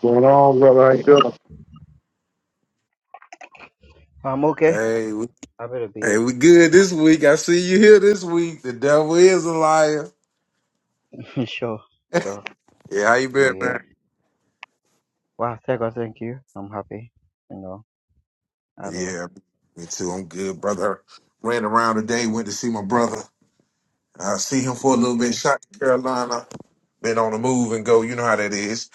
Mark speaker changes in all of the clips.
Speaker 1: going on, brother? How you doing?
Speaker 2: I'm okay.
Speaker 1: Hey, we,
Speaker 2: Happy to be
Speaker 1: hey, we good this week. I see you here this week. The devil is a liar.
Speaker 2: here. sure, sure.
Speaker 1: Yeah, how you been,
Speaker 2: We
Speaker 1: man?
Speaker 2: wow, thank God, thank you. I'm happy. You know, I don't
Speaker 1: Yeah, me too. I'm good, brother. Ran around today, went to see my brother. I see him for a
Speaker 2: know.
Speaker 1: little bit,
Speaker 2: Okay,
Speaker 1: shot to Carolina. Been on the move and go. You know how that is.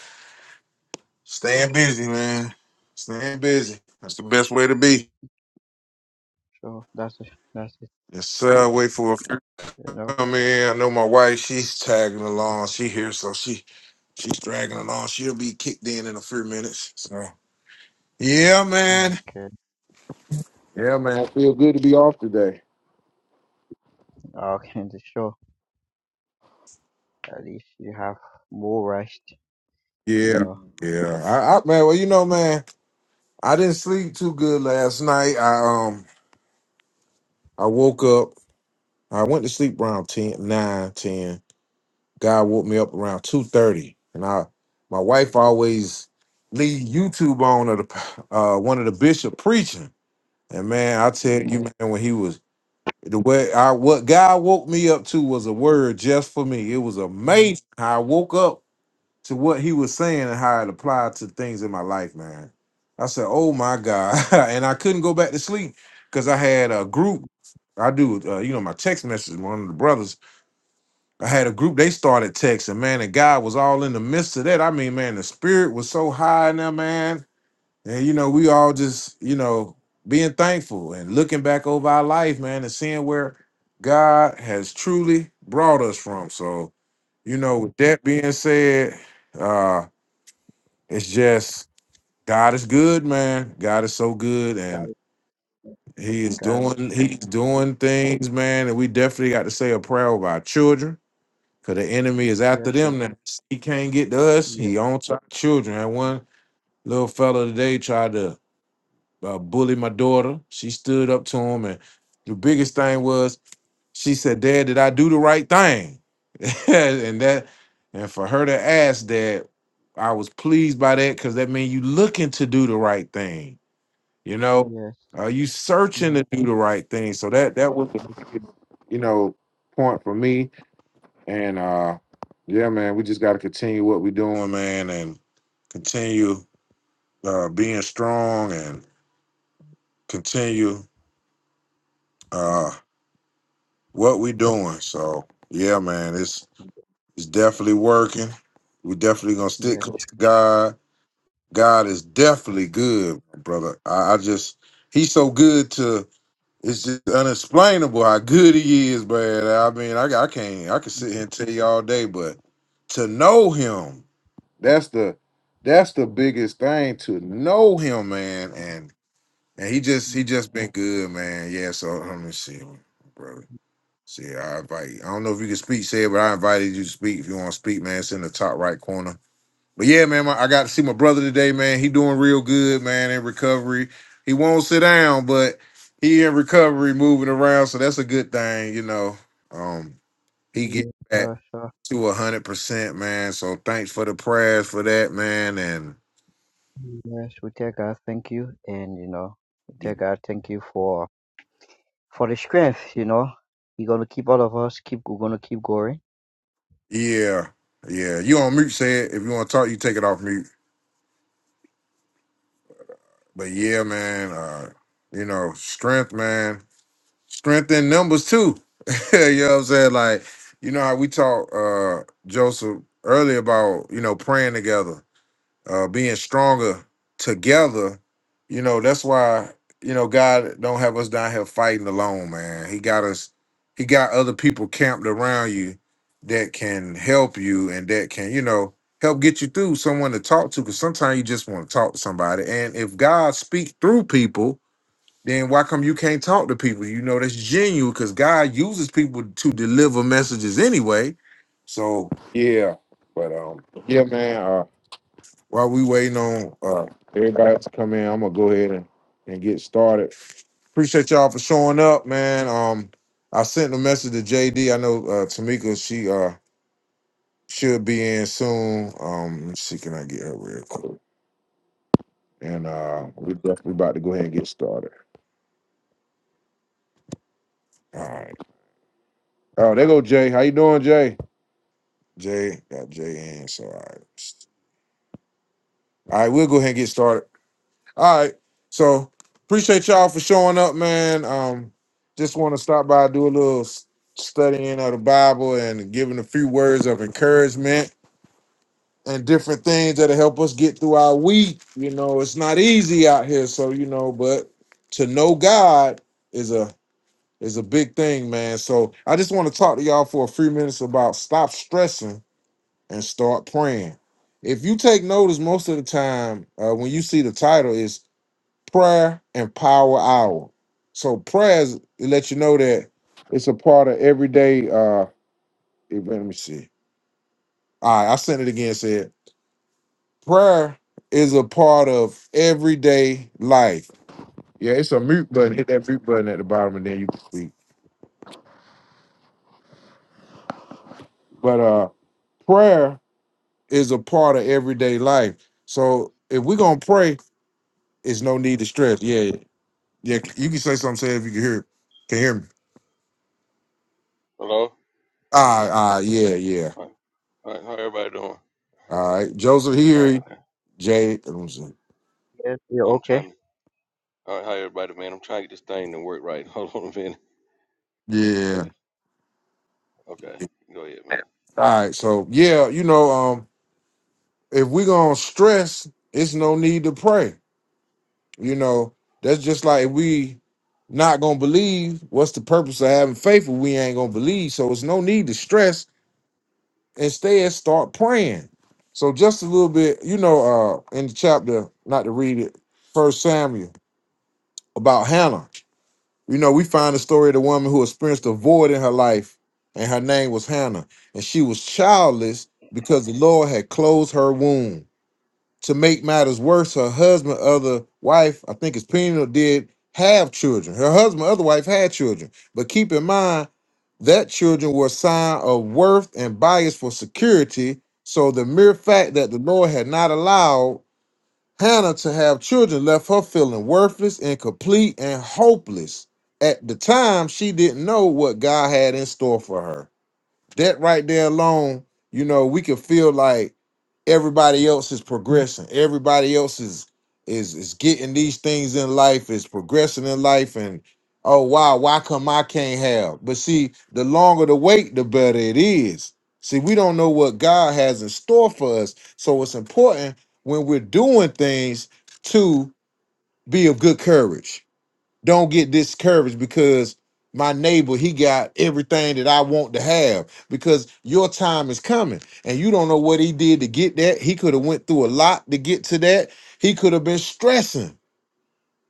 Speaker 1: Staying busy, man. Staying busy. That's the best way to be.
Speaker 2: sure. That's it. That's it.
Speaker 1: Yes, sir. Wait for a
Speaker 2: You know.
Speaker 1: come in. I know my wife, she's tagging along. She here, so she she's dragging along. She'll be kicked in in a few minutes. So yeah, man.
Speaker 2: Okay,
Speaker 1: Yeah, man. I feel good to be off today.
Speaker 2: okay. The show. At least you have more rest. You
Speaker 1: Yeah,
Speaker 2: know.
Speaker 1: yeah. I, I man, well, you know, man, I didn't sleep too good last night. I um, I woke up. I went to sleep around 10, 9, 10. God woke me up around two thirty, and I, my wife always leave YouTube on of the uh one of the bishop preaching. And man, I tell you,
Speaker 2: Okay.
Speaker 1: man, when he was the way I what God woke me up to was a word just for me. It was
Speaker 2: Mm-hmm.
Speaker 1: amazing how I woke up to what he was saying and how it applied to things in my life, man. I said, "Oh my God!" and I couldn't go back to sleep because I had a group. I do, uh, you know, my text message. One of the brothers, I had a group. They started texting, man, and God was all in the midst of that. I mean, man, the spirit was so high in there, man and you know, we all just, you know, being thankful and looking back over our life, man, and seeing where God has truly brought us from. So, you know, with that being said, uh, it's just God is good, man. God is so good
Speaker 2: Got
Speaker 1: and
Speaker 2: it. Yes,
Speaker 1: he is
Speaker 2: Got
Speaker 1: doing he's
Speaker 2: it.
Speaker 1: doing things, man. And we definitely got to say a prayer over our children. Cause the enemy is
Speaker 2: Yeah,
Speaker 1: after
Speaker 2: sure.
Speaker 1: them now. He can't get to us.
Speaker 2: Yeah.
Speaker 1: He owns our children. And one little fella today tried to uh, bullied my daughter. She stood up to him, and the biggest thing was she said, "Dad, did I do the right thing?" and that, and for her to ask that, I was pleased by that because that means you looking to do the right thing. You know,
Speaker 2: Yes.
Speaker 1: are you searching
Speaker 2: Mm-hmm.
Speaker 1: to do the right thing? So that that was, the biggest, you know, point for me. And uh yeah, man, we just got to continue what we're doing, man, and continue uh being strong and continue. uh, what we doing. So yeah, man, it's it's definitely working. We definitely gonna stick
Speaker 2: Yes.
Speaker 1: close to
Speaker 2: Sure.
Speaker 1: God. God is definitely good, brother. I, I just he's so good to it's just unexplainable how good he is, man. I mean, I I can't I can sit here and tell you all day, but to know him, that's the that's the biggest thing to know him, man. And and he just he
Speaker 2: Yeah.
Speaker 1: just been good, man. Yeah. So let me see, brother. See, I invite you. I don't know if you can speak, said, but I invited you to speak. If you want to speak, man, it's in the top right corner. But yeah, man, my, I got to see my brother today, man. He doing real good, man, in recovery. He won't sit down, but he in recovery, moving around, so that's a good thing, you know. Um, he get back
Speaker 2: Sure. Sure.
Speaker 1: to a hundred percent, man. So thanks for the prayers for that, man. And
Speaker 2: Yes. We take God. Thank you. And you know, we take God. Thank you for. for the strength, you know. You're gonna keep all of us keep we're gonna keep going.
Speaker 1: yeah, yeah, you on mute, say it. If you want to talk, you take it off mute. But yeah, man, uh, you know, strength, man strength in numbers too. you know what I'm saying? Like, you know how we talked uh Joseph earlier about, you know, praying together, uh being stronger together. You know, that's why, you know, God don't have us down here fighting alone, man. He got us, he got other people camped around you that can help you and that can, you know, help get you through someone to talk to. Cause sometimes you just want to talk to somebody. And if God speaks through people, then why come you can't talk to people? You know that's genuine because God uses people to deliver messages anyway. So Yeah, but um, yeah, man. Uh, while we waiting on, uh, everybody else come in. I'm gonna go ahead and, and get started. appreciate y'all for showing up, man. Um, I sent a message to JD. I know uh, Tamika she uh should be in soon. Um, let me see can I get her real quick? And uh, we we about to go ahead and get started. All right, Oh, there go Jay. How you doing, Jay? Jay got Jay in. So all right. All right, we'll go ahead and get started. All right. So appreciate y'all for showing up, man. Um, just want to stop by, do a little s- studying of the Bible and giving a few words of encouragement and different things that'll help us get through our week. You know, it's not easy out here, so you know, but to know God is a is a big thing, man. So I just want to talk to y'all for a few minutes about stop stressing and start praying. If you take notice, most of the time uh, when you see the title is prayer and power hour. So prayers let you know that it's a part of everyday. Uh, eh, let me see. All right, I sent it again. Said prayer is a part of everyday life. Yeah, it's a mute button. Hit that mute button at the bottom, and then you can speak. But uh, prayer is a part of everyday life. So if we're gonna pray, it's no need to stress. Yeah, Yeah, you can say something. Say if you can hear it. Can hear me.
Speaker 3: Hello?
Speaker 1: Ah, ah, yeah, yeah.
Speaker 3: Alright, alright, how everybody doing?
Speaker 1: All right, Joseph
Speaker 3: Alright,
Speaker 1: here.
Speaker 3: okay.
Speaker 1: Jay. let me see.
Speaker 2: Yes, yeah,
Speaker 3: Well, I'm
Speaker 2: okay.
Speaker 3: trying to, alright, how everybody, man? I'm trying to get this thing to work right. Hold on a minute.
Speaker 1: Yeah.
Speaker 3: Okay, okay. Go ahead, man.
Speaker 1: All right. So yeah, you know, um, if we gonna stress, it's no need to pray. You know, that's just like if we not gonna believe. What's the purpose of having faith if we ain't gonna believe? So it's no need to stress. Instead, start praying. So just a little bit, you know, uh, in the chapter, not to read it, First Samuel about Hannah. You know, we find the story of the woman who experienced a void in her life, and her name was Hannah, and she was childless because the Lord had closed her womb. To make matters worse, her husband, other wife, I think it's Peniel, did have children. Her husband, other wife, had children. But keep in mind that children were a sign of worth and bias for security. So the mere fact that the Lord had not allowed Hannah to have children left her feeling worthless, incomplete, and hopeless. At the time, she didn't know what God had in store for her that right there alone, you know, we can feel like everybody else is progressing. Everybody else is is is getting these things in life, is progressing in life, and oh wow, why come I can't have? But see, the longer the wait, the better it is. See, we don't know what God has in store for us. So it's important when we're doing things to be of good courage don't get discouraged because my neighbor he got everything that I want to have because your time is coming and you don't know what he did to get that. He could have went through a lot to get to that. He could have been stressing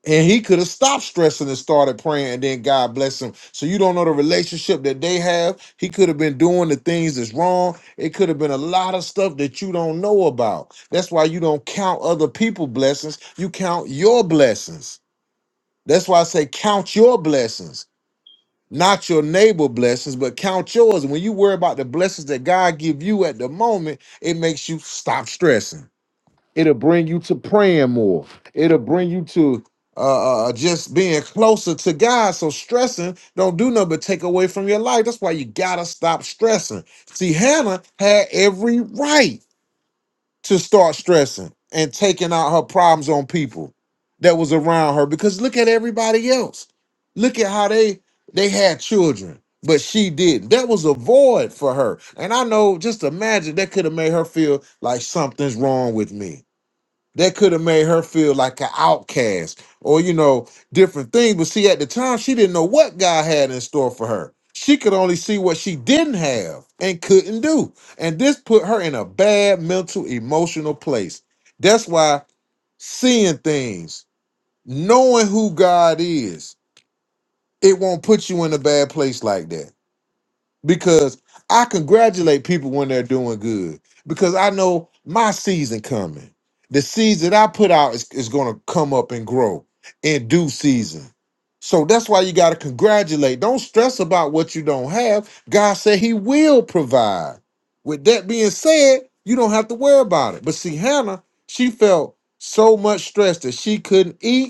Speaker 1: and he could have stopped stressing and started praying and then God bless him. So you don't know the relationship that they have. He could have been doing the things that's wrong. It could have been a lot of stuff that you don't know about. That's why you don't count other people blessings. You count your blessings. That's why I say count your blessings, not your neighbor blessings, but count yours. And when you worry about the blessings that God give you at the moment, it makes you stop stressing. It'll bring you to praying more. It'll bring you to uh, uh, uh, just being closer to God. So stressing don't do nothing but take away from your life. That's why you gotta stop stressing. See, Hannah had every right to start stressing and taking out her problems on people that was around her because look at everybody else look at how they they had children but she didn't that was a void for her and i know just imagine that could have made her feel like something's wrong with me that could have made her feel like an outcast or you know different things but see at the time she didn't know what god had in store for her she could only see what she didn't have and couldn't do and this put her in a bad mental emotional place that's why seeing things knowing who god is it won't put you in a bad place like that because I congratulate people when they're doing good because I know my season coming. The seeds that I put out is, is going to come up and grow in due season. So that's why you got to congratulate. Don't stress about what you don't have. God said he will provide. With that being said, you don't have to worry about it. But see, Hannah, she felt so much stress that she couldn't eat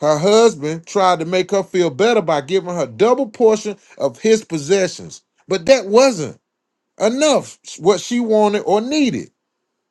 Speaker 1: her husband tried to make her feel better by giving her double portion of his possessions, but that wasn't enough what she wanted or needed.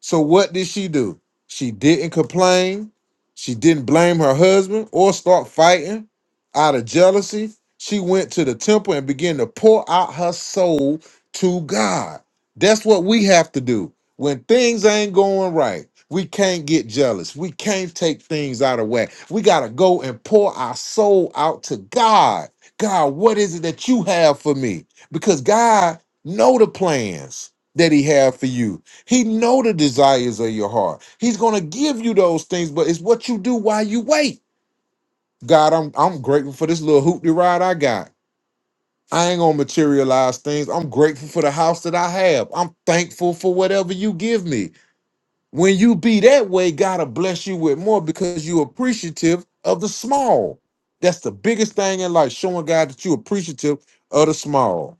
Speaker 1: So what did she do? She didn't complain. She didn't blame her husband or start fighting out of jealousy. She went to the temple and began to pour out her soul to God. That's what we have to do. When things ain't going right, we can't get jealous. We can't take things out of whack. We got to go and pour our soul out to God. God, what is it that you have for me? Because God know the plans that he have for you. He know the desires of your heart. He's gonna give you those things, but it's what you do while you wait. God, I'm I'm grateful for this little hoopty ride I got. I ain't gonna materialize things. I'm grateful for the house that I have. I'm thankful for whatever you give me. When you be that way, God'll bless you with more because you're appreciative of the small. That's the biggest thing in life, showing God that you're appreciative of the small.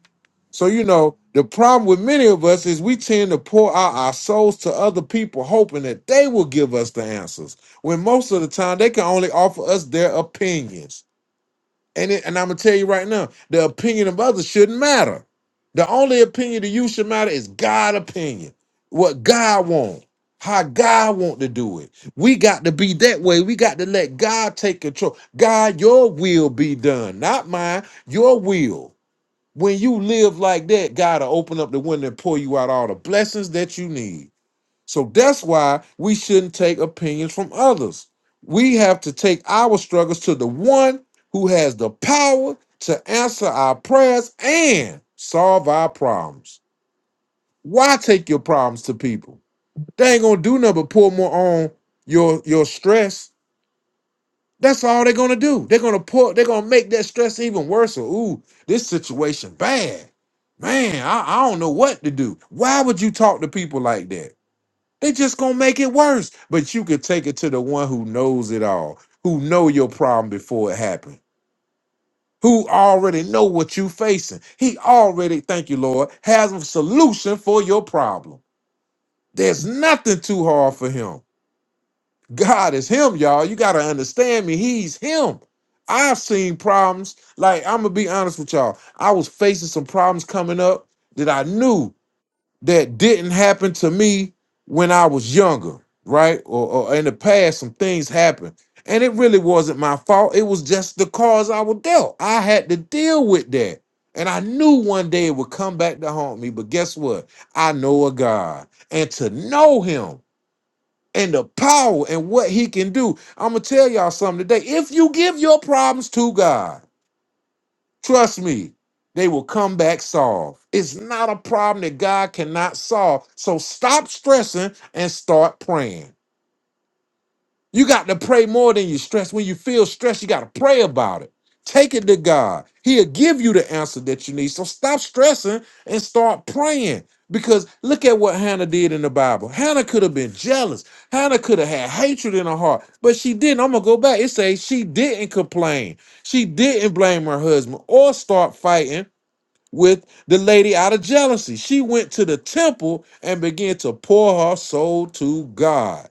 Speaker 1: So, you know, the problem with many of us is we tend to pour out our souls to other people, hoping that they will give us the answers. When most of the time they can only offer us their opinions. And it, and I'm gonna tell you right now, the opinion of others shouldn't matter. The only opinion to you should matter is God opinion. What God wants, how God want to do it. We got to be that way. We got to let God take control. God, your will be done, not mine, your will. When you live like that, God will open up the window and pour you out all the blessings that you need. So that's why we shouldn't take opinions from others. We have to take our struggles to the one who has the power to answer our prayers and solve our problems. Why take your problems to people? They ain't gonna do nothing but pour more on your your stress that's all they're gonna do. They're gonna pour. They're gonna make that stress even worse. Or, ooh, this situation bad, man. I, I don't know what to do. Why would you talk to people like that? They just gonna make it worse. But you could take it to the one who knows it all, who know your problem before it happened, who already know what you facing. He already, thank you, Lord, has a solution for your problem. There's nothing too hard for him. God is him, y'all. You gotta understand me. He's him. I've seen problems. Like, I'm gonna be honest with y'all. I was facing some problems coming up that I knew that didn't happen to me when I was younger, right? Or, or in the past, some things happened. And it really wasn't my fault. It was just the cards I was dealt. I had to deal with that. And I knew one day it would come back to haunt me. But guess what? I know a God. And to know him and the power and what he can do. I'm gonna tell y'all something today. If you give your problems to God, trust me, they will come back solved. It's not a problem that God cannot solve. So stop stressing and start praying. You got to pray more than you stress. When you feel stressed, you got to pray about it. Take it to God. He'll give you the answer that you need. So stop stressing and start praying. Because look at what Hannah did in the Bible. Hannah could have been jealous. Hannah could have had hatred in her heart, but she didn't. I'm gonna go back. It says she didn't complain. She didn't blame her husband or start fighting with the lady out of jealousy. She went to the temple and began to pour her soul to God.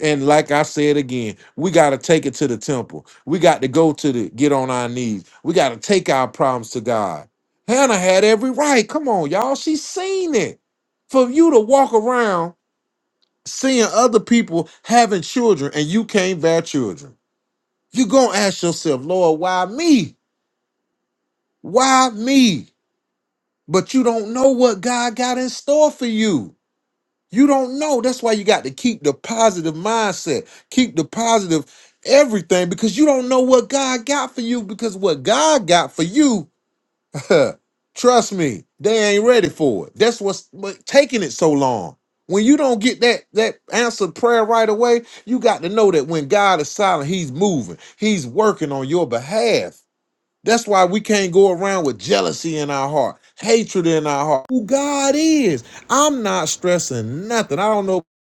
Speaker 1: And like I said again, we got to take it to the temple. We got to go to the get on our knees. We got to take our problems to God. Hannah had every right. Come on, y'all. She seen it. For you to walk around seeing other people having children and you can't bear children, you going to ask yourself, Lord, why me? Why me? But you don't know what God got in store for you. You don't know. That's why you got to keep the positive mindset, keep the positive everything, because you don't know what God got for you. Because what God got for you, trust me, they ain't ready for it. That's what's what, taking it so long. When you don't get that that answered prayer right away, you got to know that when God is silent, He's moving, He's working on your behalf. That's why we can't go around with jealousy in our heart, hatred in our heart. Who God is. I'm not stressing nothing. I don't know. At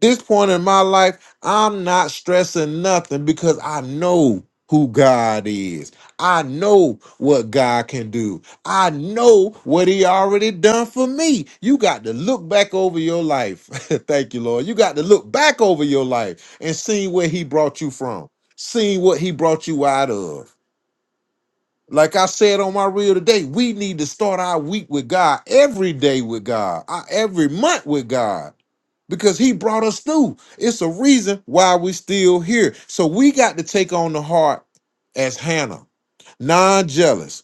Speaker 1: This point in my life, I'm not stressing nothing because I know who God is. I know what God can do. I know what he already done for me. You got to look back over your life. Thank you, Lord. You got to look back over your life and see where he brought you from, seeing what he brought you out of. Like I said on my reel today, we need to start our week with God, every day with God, our- every month with God, because He brought us through. It's a reason why we're still here. So we got to take on the heart as Hannah, non jealous,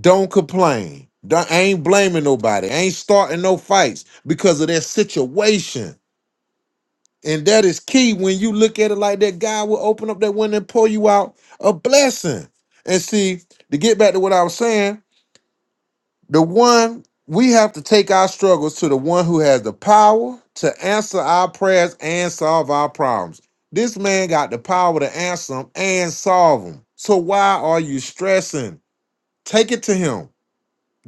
Speaker 1: don't complain, don't, ain't blaming nobody, ain't starting no fights because of their situation. And that is key. When you look at it like that, God will open up that window and pour you out a blessing. And see, to get back to what I was saying, the one we have to take our struggles to the one who has the power to answer our prayers and solve our problems. This man got the power to answer them and solve them. So why are you stressing? Take it to him.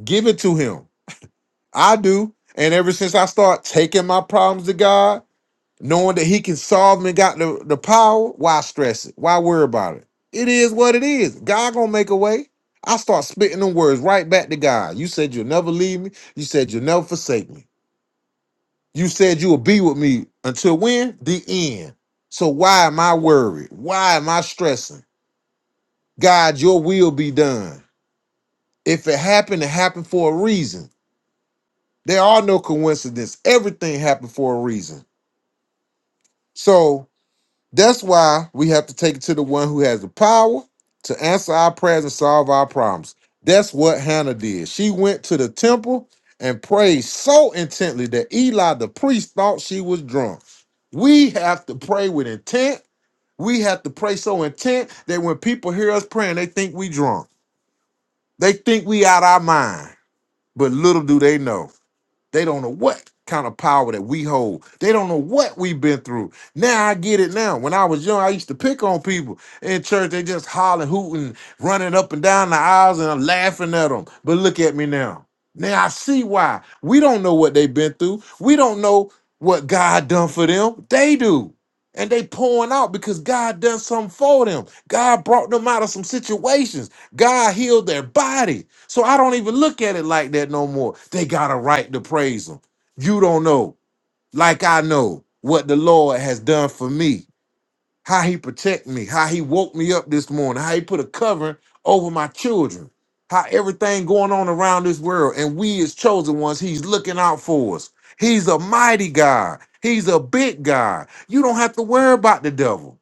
Speaker 1: Give it to him. I do. And ever since I start taking my problems to God, knowing that he can solve them and got the, the power, why stress it? Why worry about it? It is what it is. God gonna make a way. I start spitting them words right back to God. You said you'll never leave me. You said you'll never forsake me. You said you will be with me until when? The end. So why am I worried? Why am I stressing? God, your will be done. If it happened, it happened for a reason. There are no coincidences. Everything happened for a reason. So. That's why we have to take it to the one who has the power to answer our prayers and solve our problems. That's what Hannah did. She went to the temple and prayed so intently that Eli the priest thought she was drunk. We have to pray with intent. We have to pray so intent that when people hear us praying, they think we drunk. They think we out our mind. But little do they know. They don't know what kind of power that we hold. They don't know what we've been through. Now I get it now. When I was young, I used to pick on people in church. They just hollering, hooting, running up and down the aisles and I'm laughing at them. But look at me now. Now I see why. We don't know what they've been through. We don't know what God done for them. They do. And they pouring out because God done something for them. God brought them out of some situations. God healed their body. So I don't even look at it like that no more. They got a right to praise him. You don't know, like I know, what the Lord has done for me, how he protect me, how he woke me up this morning, how he put a covering over my children, how everything going on around this world, and we as chosen ones, he's looking out for us. He's a mighty God. He's a big God. You don't have to worry about the devil.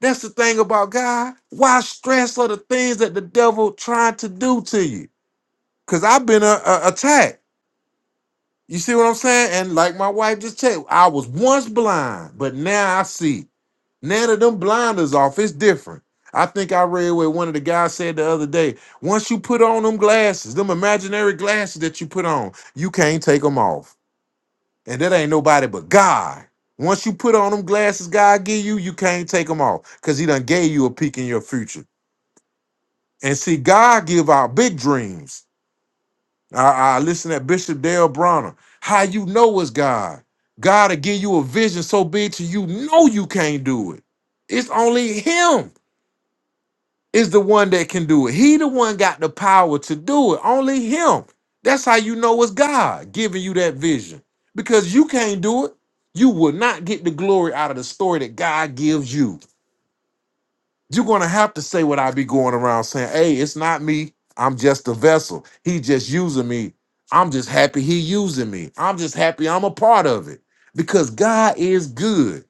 Speaker 1: That's the thing about God. Why stress of the things that the devil trying to do to you? Cause I've been a, a, attacked. You see what I'm saying? And like my wife just said, I was once blind, but now I see. Now that them blinders off, it's different. I think I read what one of the guys said the other day. Once you put on them glasses, them imaginary glasses that you put on, you can't take them off. And that ain't nobody but God. Once you put on them glasses God give you, you can't take them off because he done gave you a peek in your future. And see, God give out big dreams. I, I listen at Bishop Dale Bronner. How you know it's God? God will give you a vision so big to you know you can't do it. It's only Him is the one that can do it. He the one got the power to do it. Only Him. That's how you know it's God giving you that vision because you can't do it. You will not get the glory out of the story that God gives you you're going to have to say what I be going around saying, hey, it's not me. I'm just a vessel. He just using me. I'm just happy he using me. I'm just happy I'm a part of it because God is good.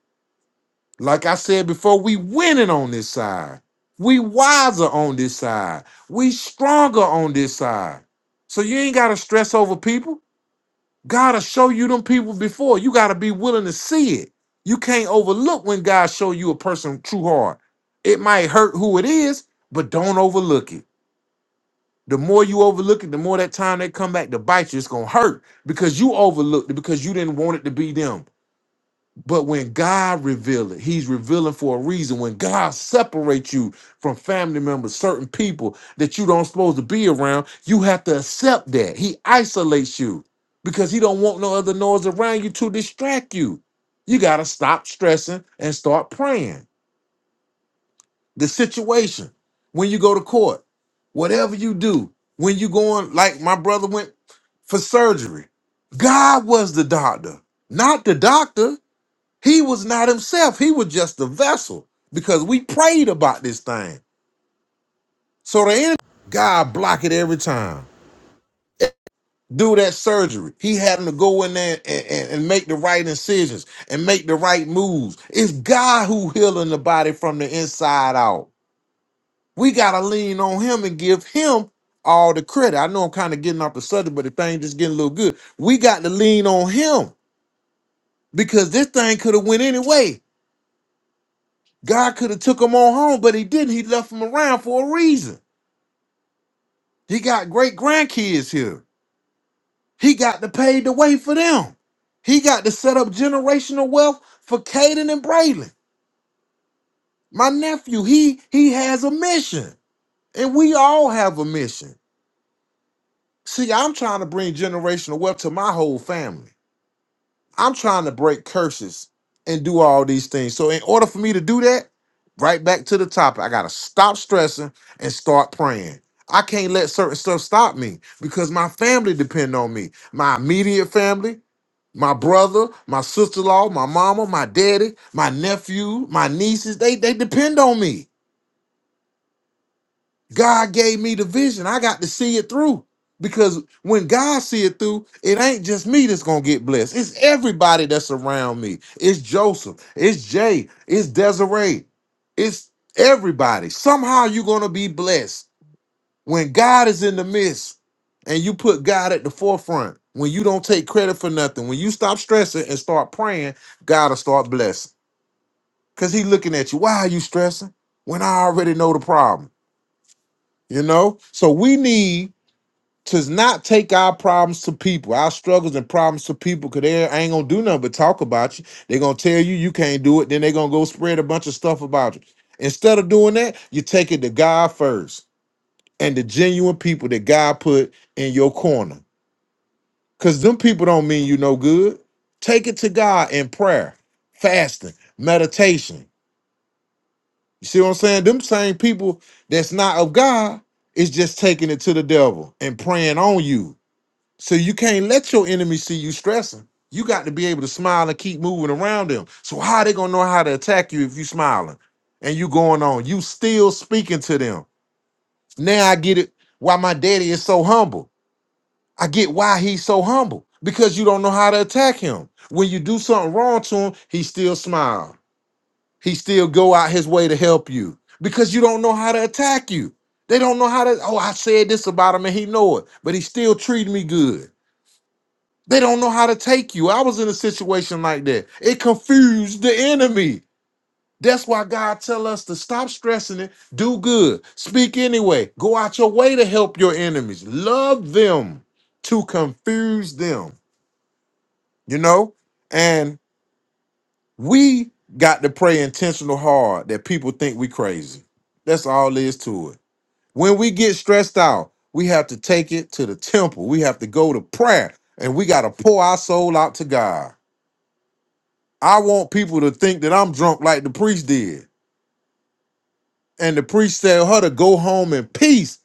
Speaker 1: Like I said before, we winning on this side. We wiser on this side. We stronger on this side. So you ain't got to stress over people. God'll show you them people before. You gotta be willing to see it. You can't overlook when God show you a person true heart. It might hurt who it is, but don't overlook it. The more you overlook it, the more that time they come back to bite you, it's gonna hurt because you overlooked it because you didn't want it to be them. But when God reveals, it, He's revealing for a reason. When God separates you from family members, certain people that you don't supposed to be around, you have to accept that. He isolates you because He don't want no other noise around you to distract you. You gotta stop stressing and start praying. The situation when you go to court, whatever you do, when you going like my brother went for surgery, God was the doctor, not the doctor. He was not himself. He was just a vessel because we prayed about this thing. So the enemy, God block it every time. Do that surgery. He had him to go in there and, and, and make the right incisions and make the right moves. It's God who healing the body from the inside out. We gotta lean on him and give him all the credit. I know I'm kind of getting off the subject, but the thing just getting a little good. We got to lean on him because this thing could have went anyway. God could have took him on home, but he didn't. He left him around for a reason. He got great grandkids here. He got to pave the way for them. He got to set up generational wealth for Caden and Braylon. My nephew, he he has a mission, and we all have a mission. See, I'm trying to bring generational wealth to my whole family. I'm trying to break curses and do all these things. So in order for me to do that, right back to the topic, I gotta stop stressing and start praying. I can't let certain stuff stop me because my family depend on me. My immediate family, my brother, my sister-in-law, my mama, my daddy, my nephew, my nieces, they they depend on me. God gave me the vision. I got to see it through. Because when God see it through, it ain't just me that's gonna get blessed. It's everybody that's around me. It's Joseph. It's Jay. It's Desiree. It's everybody. Somehow you're gonna be blessed when God is in the midst and you put God at the forefront. When you don't take credit for nothing, when you stop stressing and start praying, God will start blessing. Cause He looking at you. Why are you stressing? When I already know the problem, you know. So we need to not take our problems to people, our struggles and problems to people, because they ain't gonna do nothing but talk about you. They're gonna tell you you can't do it, then they're gonna go spread a bunch of stuff about you. Instead of doing that, you take it to God first and the genuine people that God put in your corner. Because them people don't mean you no good. Take it to God in prayer, fasting, meditation. You see what I'm saying? Them same people that's not of God is just taking it to the devil and preying on you So you can't let your enemy see you stressing. You got to be able to smile and keep moving around them. So how they gonna know how to attack you if you smiling and you going on? You still speaking to them. Now I get it why my daddy is so humble. I get why he's so humble because you don't know how to attack him. When you do something wrong to him, he still smile. He still go out his way to help you because you don't know how to attack you. They don't know how to. Oh, I said this about him and he know it, but he still treat me good. They don't know how to take you. I was in a situation like that. It confused the enemy. That's why God tell us to stop stressing it, do good, speak anyway, go out your way to help your enemies, love them to confuse them, you know? And we got to pray intentional hard that people think we crazy. That's all there is to it. When we get stressed out, we have to take it to the temple. We have to go to prayer and we got to pour our soul out to God. I want people to think that I'm drunk like the priest did. And the priest tell her to go home in peace,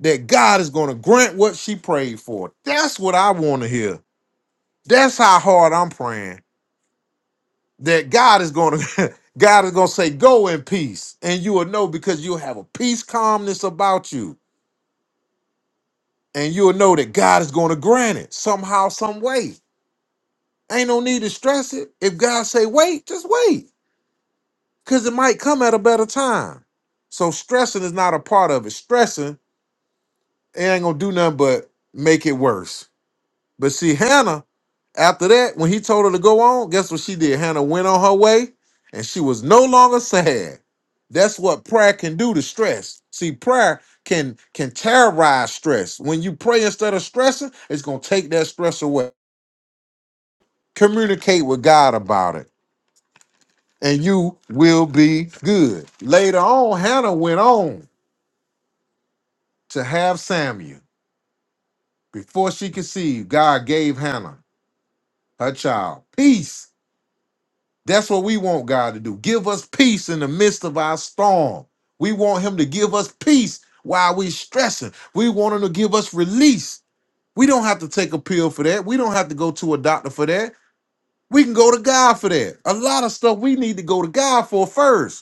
Speaker 1: that God is going to grant what she prayed for. That's what I want to hear. That's how hard I'm praying. That God is going to God is going to say go in peace. And you will know because you'll have a peace calmness about you. And you'll know that God is going to grant it somehow some way. Ain't no need to stress it. If God say wait, just wait. because it might come at a better time. So stressing is not a part of it. Stressing it ain't gonna do nothing but make it worse. But see, Hannah, after that, when he told her to go on, guess what she did? Hannah went on her way, and she was no longer sad. That's what prayer can do to stress. See, prayer can can terrorize stress. When you pray instead of stressing, it's gonna take that stress away. Communicate with God about it, and you will be good. Later on, Hannah went on. to have Samuel. Before she conceived, God gave Hannah her child. Peace. That's what we want God to do. Give us peace in the midst of our storm. We want Him to give us peace while we're stressing. We want Him to give us release. We don't have to take a pill for that. We don't have to go to a doctor for that. We can go to God for that. A lot of stuff we need to go to God for first.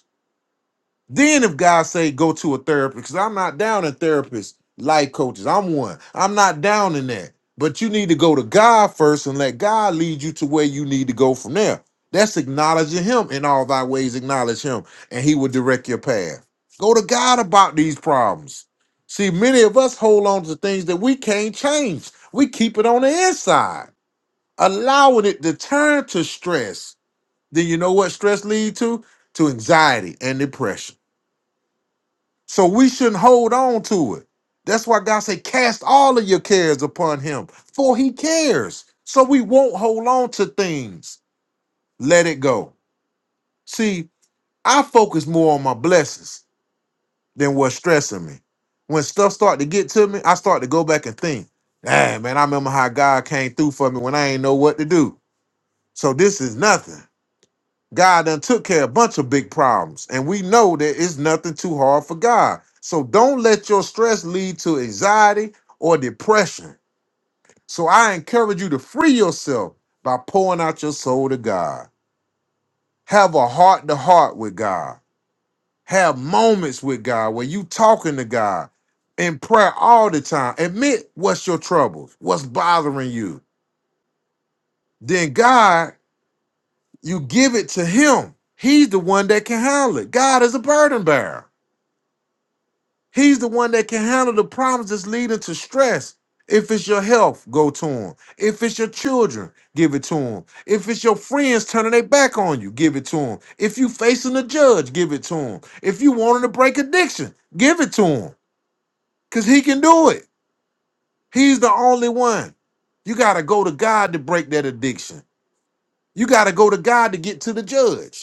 Speaker 1: Then if God say go to a therapist, because I'm not down in therapists, life coaches, I'm one. I'm not down in that. But you need to go to God first and let God lead you to where you need to go from there. That's acknowledging him in all thy ways, acknowledge him, and he will direct your path. Go to God about these problems. See, many of us hold on to things that we can't change. We keep it on the inside, allowing it to turn to stress. Then you know what stress leads to? To anxiety and depression. So we shouldn't hold on to it. That's why God said, cast all of your cares upon him, for he cares. So we won't hold on to things. Let it go. See, I focus more on my blessings than what's stressing me. When stuff start to get to me, I start to go back and think, dang, man, I remember how God came through for me when I ain't know what to do. So this is nothing. God done took care of a bunch of big problems, and we know that it's nothing too hard for God. So don't let your stress lead to anxiety or depression. So I encourage you to free yourself by pouring out your soul to God. Have a heart to heart with God. Have moments with God where you talking to God in prayer all the time. Admit what's your troubles, what's bothering you. Then God, you give it to Him. He's the one that can handle it. God is a burden bearer. He's the one that can handle the problems that's leading to stress. If it's your health, go to him. If it's your children, give it to him. If it's your friends turning their back on you, give it to him. If you facing a judge, give it to him. If you wanting to break addiction, give it to him. Cause he can do it. He's the only one. You gotta go to God to break that addiction. You gotta go to God to get to the judge.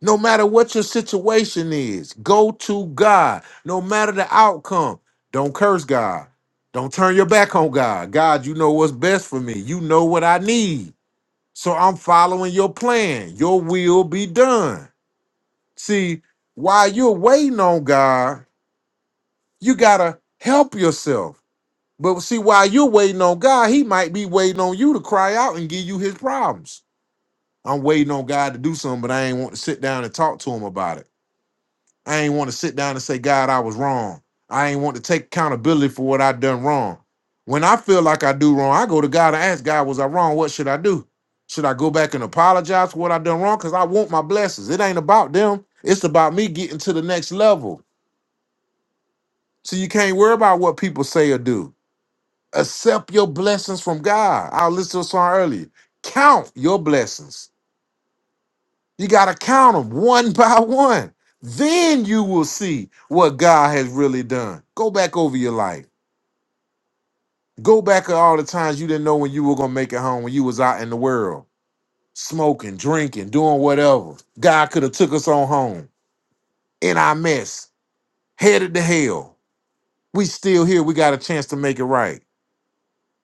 Speaker 1: No matter what your situation is, go to God. No matter the outcome, don't curse God. Don't turn your back on God. God, you know what's best for me. You know what I need. So I'm following your plan. Your will be done. See, while you're waiting on God, you got to help yourself. But see, while you're waiting on God, He might be waiting on you to cry out and give you His problems. I'm waiting on God to do something, but I ain't want to sit down and talk to Him about it. I ain't want to sit down and say, God, I was wrong. I ain't want to take accountability for what I done wrong. When I feel like I do wrong, I go to God and ask God, was I wrong? What should I do? Should I go back and apologize for what I done wrong? Because I want my blessings. It ain't about them. It's about me getting to the next level. So you can't worry about what people say or do. Accept your blessings from God. I listened to a song earlier. Count your blessings. You got to count them one by one. Then you will see what God has really done. Go back over your life. Go back at all the times you didn't know when you were going to make it home when you was out in the world, smoking, drinking, doing whatever. God could have took us on home in our mess, headed to hell. We still here. We got a chance to make it right.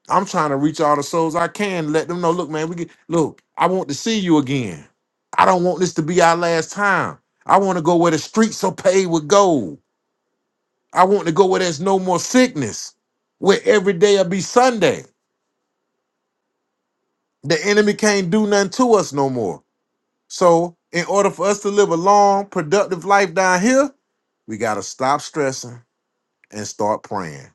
Speaker 1: I'm trying to reach all the souls I can. Let them know, look, man, we get, look, I want to see you again. I don't want this to be our last time. I want to go where the streets are paved with gold. I want to go where there's no more sickness, where every day will be Sunday. The enemy can't do nothing to us no more. So, in order for us to live a long, productive life down here, we got to stop stressing and start praying.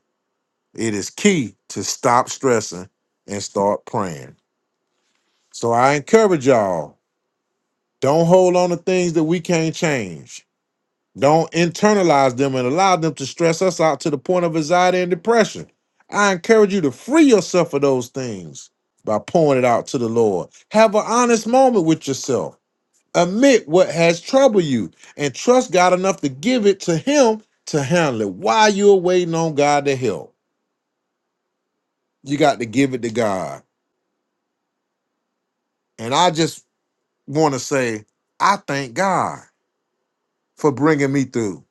Speaker 1: It is key to stop stressing and start praying. So, I encourage y'all don't hold on to things that we can't change. Don't internalize them and allow them to stress us out to the point of anxiety and depression. I encourage you to free yourself of those things by pouring it out to the Lord. Have an honest moment with yourself. Admit what has troubled you and trust God enough to give it to Him to handle it while you're waiting on God to help. You got to give it to God. And I just want to say, I thank God for bringing me through.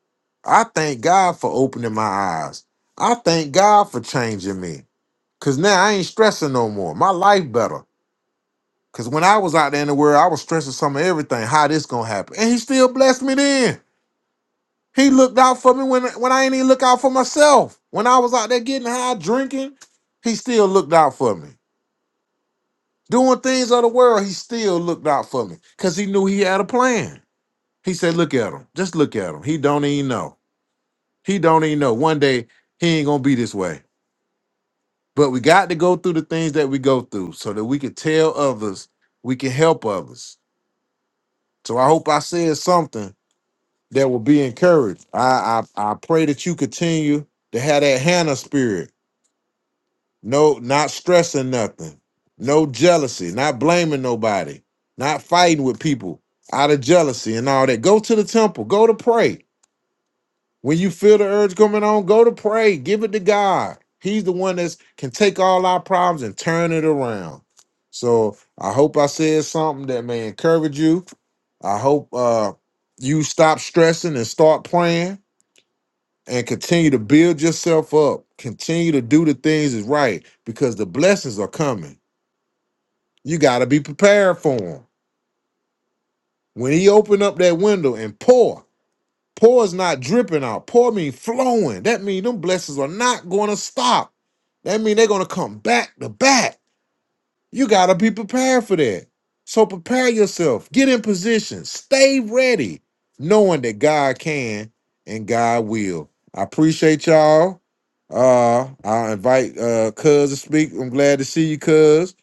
Speaker 1: I thank God for opening my eyes. I thank God for changing me. Cause now I ain't stressing no more. My life better. Cause when I was out there in the world, I was stressing some of everything. How this gonna happen? And he still blessed me then. He looked out for me when when I ain't even look out for myself. When I was out there getting high drinking, he still looked out for me. Doing things of the world, he still looked out for me. Cause he knew he had a plan. He said, look at him. Just look at him. He don't even know. He don't even know. One day he ain't gonna be this way. But we got to go through the things that we go through so that we can tell others, we can help others. So I hope I said something that will be encouraged. I I, I pray that you continue to have that Hannah spirit. No, not stressing nothing, no jealousy, not blaming nobody, not fighting with people out of jealousy and all that. Go to the temple, go to pray. When you feel the urge coming on, go to pray. Give it to God. He's the one that can take all our problems and turn it around. So I hope I said something that may encourage you. I hope uh, you stop stressing and start praying and continue to build yourself up. Continue to do the things is right because the blessings are coming. You got to be prepared for them. When he opened up that window and pour. Pour is not dripping out. Pour mean flowing. That mean them blessings are not going to stop. That mean they're going to come back to back. You got to be prepared for that. So prepare yourself. Get in position. Stay ready, knowing that God can and God will. I appreciate y'all. Uh, I invite uh Cuz to speak. I'm glad to see you, Cuz.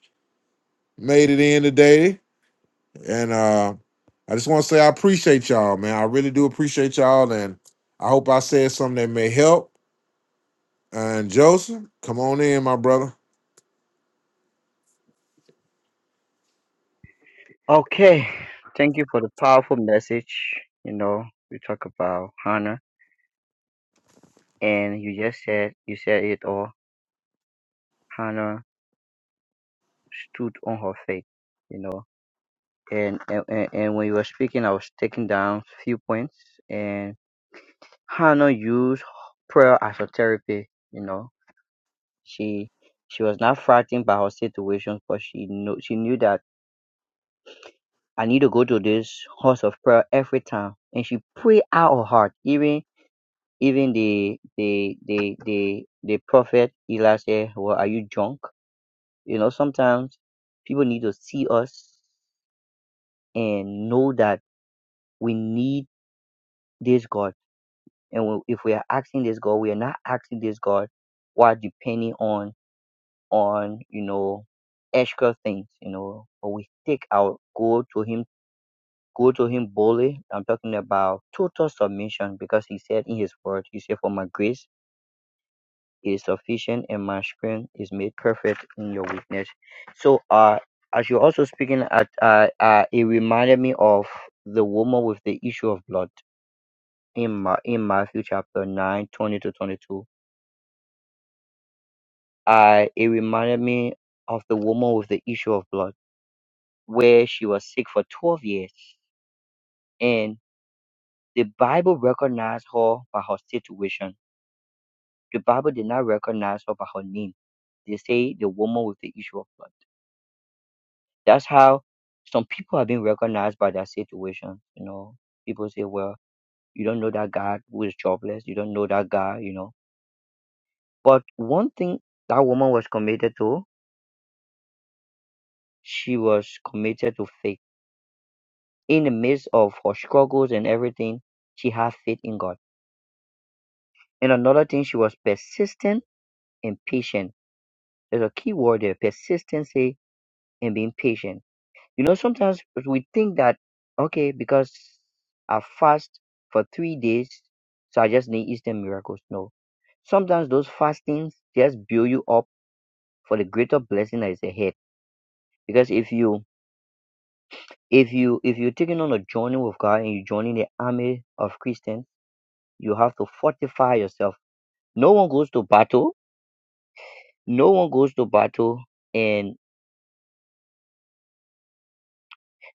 Speaker 1: Made it in today, and uh I just want to say I appreciate y'all, man. I really do appreciate y'all, and I hope I said something that may help. And Joseph, come on in, my brother.
Speaker 2: Okay. Thank you for the powerful message. You know, we talk about Hannah and you just said you said it all. Hannah stood on her faith, you know. And and, and and when you were speaking I was taking down few points and Hannah used prayer as a therapy, you know. She she was not frightened by her situation, but she knew she knew that I need to go to this house of prayer every time. And she pray out her heart. Even even the the the the the prophet Eli said, Well, are you drunk? You know, sometimes people need to see us and know that we need this God. And we- if we are asking this God, we are not asking this God while depending on on, you know, extra things, you know, but we take our go to him go to him boldly. I'm talking about total submission because he said in his word, he said, For my grace is sufficient and my strength is made perfect in your weakness. So uh as you're also speaking at uh, uh it reminded me of the woman with the issue of blood in my in Matthew chapter 9 20 to 22. Uh it reminded me of the woman with the issue of blood where she was sick for 12 years and the Bible recognized her by her situation The Bible did not recognize her by her name. They say the woman with the issue of blood. That's how some people have been recognized by their situation. You know, people say, well, you don't know that God who is jobless. You don't know that God, you know. But one thing that woman was committed to, she was committed to faith. In the midst of her struggles and everything, she had faith in God. And another thing, she was persistent and patient. There's a key word there, persistency and being patient You know, sometimes we think that, okay, because I fast for three days, so I just need instant miracles. No. Sometimes those fastings just build you up for the greater blessing that is ahead. Because if you if you if you're taking on a journey with God and you're joining the army of Christians, you have to fortify yourself. No one goes to battle. No one goes to battle and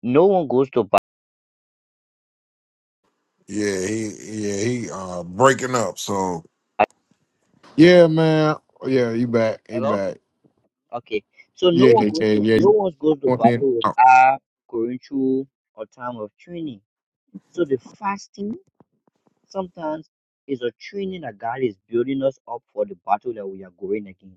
Speaker 2: no one goes to
Speaker 1: Yeah, he yeah he uh breaking up. So Yeah, man. Yeah, you back. You
Speaker 2: battle.
Speaker 1: back.
Speaker 2: Okay, so no
Speaker 1: Yeah,
Speaker 2: one
Speaker 1: yeah,
Speaker 2: goes
Speaker 1: yeah.
Speaker 2: to
Speaker 1: yeah.
Speaker 2: no
Speaker 1: You
Speaker 2: one goes to
Speaker 1: want in?
Speaker 2: battle with
Speaker 1: oh,
Speaker 2: our current or time of training. So the fasting sometimes is a training that God is building us up for the battle that we are going against.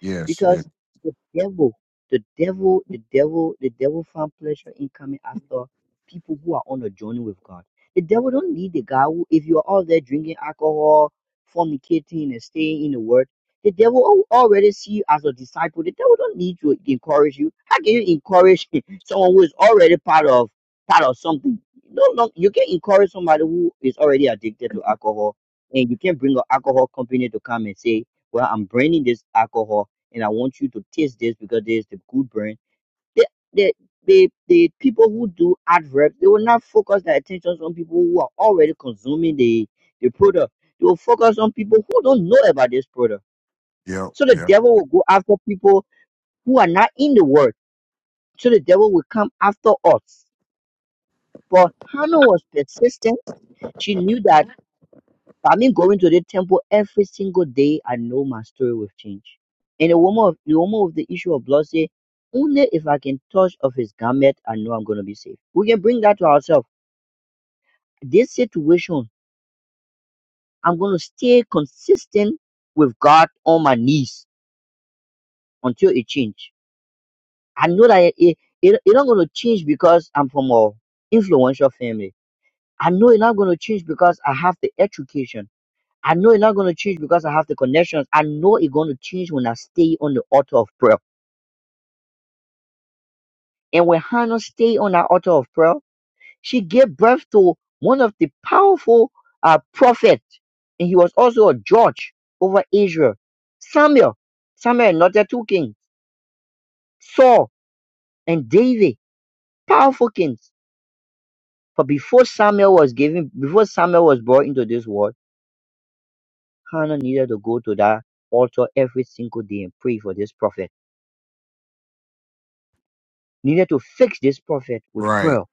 Speaker 1: yes, yeah,
Speaker 2: Because the devil, the devil, the devil, the devil found pleasure in coming after people who are on a journey with God. The devil don't need the guy who, if you're out there drinking alcohol, fornicating, and staying in the word, the devil al- already see you as a disciple. The devil don't need to encourage you. How can you encourage someone who is already part of part of something? No, no, you can encourage somebody who is already addicted to alcohol, and you can bring an alcohol company to come and say, "Well, I'm bringing this alcohol." and I want you to taste this because there's the good brand. The, the, the, the people who do adverbs, they will not focus their attention on people who are already consuming the, the product. They will focus on people who don't know about this product.
Speaker 1: yep,
Speaker 2: So the
Speaker 1: yep,
Speaker 2: devil will go after people who are not in the word. So the devil will come after us. But Hannah was persistent. She knew that I mean going to the temple every single day, I know my story will change. And the woman of the woman with the issue of blood said, Only if I can touch of his garment, I know I'm gonna be saved. We can bring that to ourselves. This situation, I'm gonna stay consistent with God on my knees until it change. I know that it it, it it not gonna change because I'm from a influential family. I know it's not gonna change because I have the education. I know it's not going to change because I have the connections. I know it's going to change when I stay on the altar of prayer. And when Hannah stayed on the altar of prayer, she gave birth to one of the powerful uh, prophets, and he was also a judge over Israel. Samuel, Samuel, not the two kings, Saul and David, powerful kings. But before Samuel was given, before Samuel was brought into this world, Hannah needed to go to that altar every single day and pray for this prophet. needed to fix this prophet with
Speaker 1: right,
Speaker 2: prayer.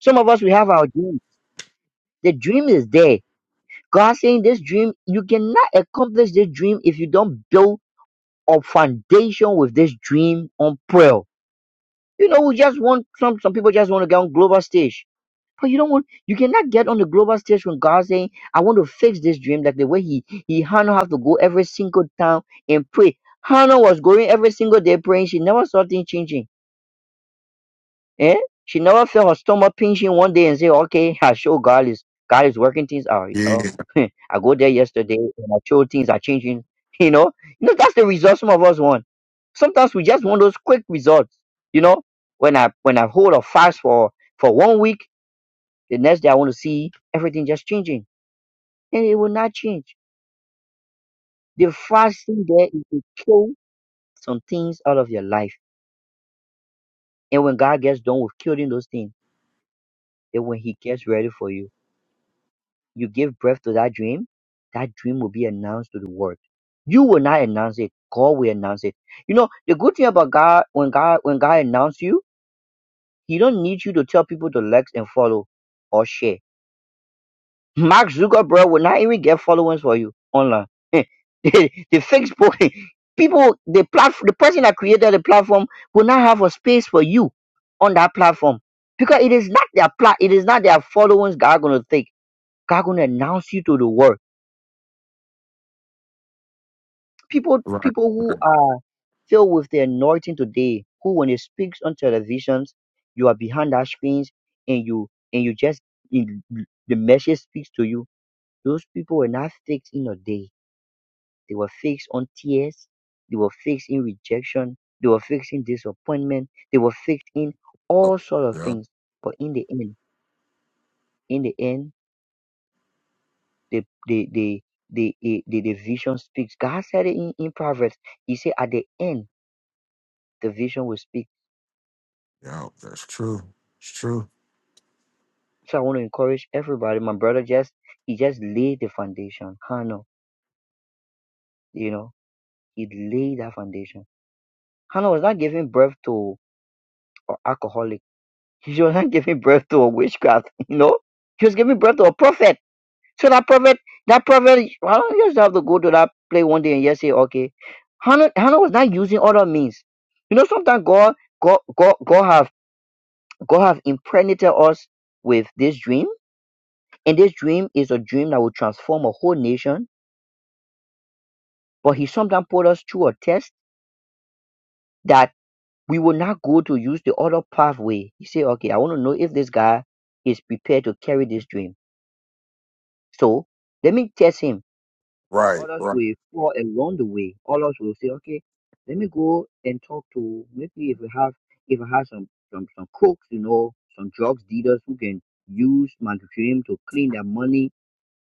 Speaker 2: Some of us we have our dream. The dream is there. God saying this dream, you cannot accomplish this dream if you don't build a foundation with this dream on prayer. You know, we just want some some people just want to get on global stage. But you don't want you cannot get on the global stage when God saying, I want to fix this dream, like the way he he Hannah have to go every single town and pray. Hannah was going every single day praying, she never saw things changing. Eh? She never felt her stomach pinching one day and say, okay, I show God is God is working things out, you
Speaker 1: yeah,
Speaker 2: know. I go there yesterday and I show things are changing, you know. You know, that's the result some of us want. Sometimes we just want those quick results, you know. When I when I hold a fast for for one week, the next day I want to see everything just changing. And it will not change. The fasting there is to kill some things out of your life. And when God gets done with killing those things, then when He gets ready for you. you give birth to that dream, that dream will be announced to the world. You will not announce it. God will announce it. You know, the good thing about God, when God, when God announce you, He don't need you to tell people to like and follow or share. Mark Zuckerberg will not even get followers for you online. the, the Facebook people, the platform, the person that created the platform will not have a space for you on that platform because it is not their plat, it is not their followers God gonna take. God gonna announce you to the world people
Speaker 1: right,
Speaker 2: people who
Speaker 1: right,
Speaker 2: are filled with the anointing today who when they speak on televisions you are behind that screens and you and you just in, the message speaks to you those people were not fixed in a day they were fixed on tears they were fixed in rejection they were fixed in disappointment they were fixed in
Speaker 1: yep,
Speaker 2: all sort of
Speaker 1: yep,
Speaker 2: things but in the end in the end the the the the, the, the, the vision speaks god said it in, in proverbs he said at the end the vision will speak
Speaker 1: yep, that's true, it's true,
Speaker 2: So I want to encourage everybody. My brother just he just laid the foundation. Hannah, you know, he laid that foundation. Hannah was not giving birth to an alcoholic. She was not giving birth to a witchcraft. You know, she was giving birth to a prophet. So that prophet, that prophet, I don't just have to go to that play one day and just say, okay. Hannah, Hannah was not using other means. You know, sometimes God, God, God, God have, God have impregnated us with this dream, and this dream is a dream that will transform a whole nation But he sometimes put us through a test that we will not go to use the other pathway. He say, okay, I want to know if this guy is prepared to carry this dream. So let me test him.
Speaker 1: right,
Speaker 2: Others
Speaker 1: right,
Speaker 2: will fall along the way. Others will say, okay, let me go and talk to maybe if we have if I have some some some crooks, you know, some drugs dealers who can use my dream to clean their money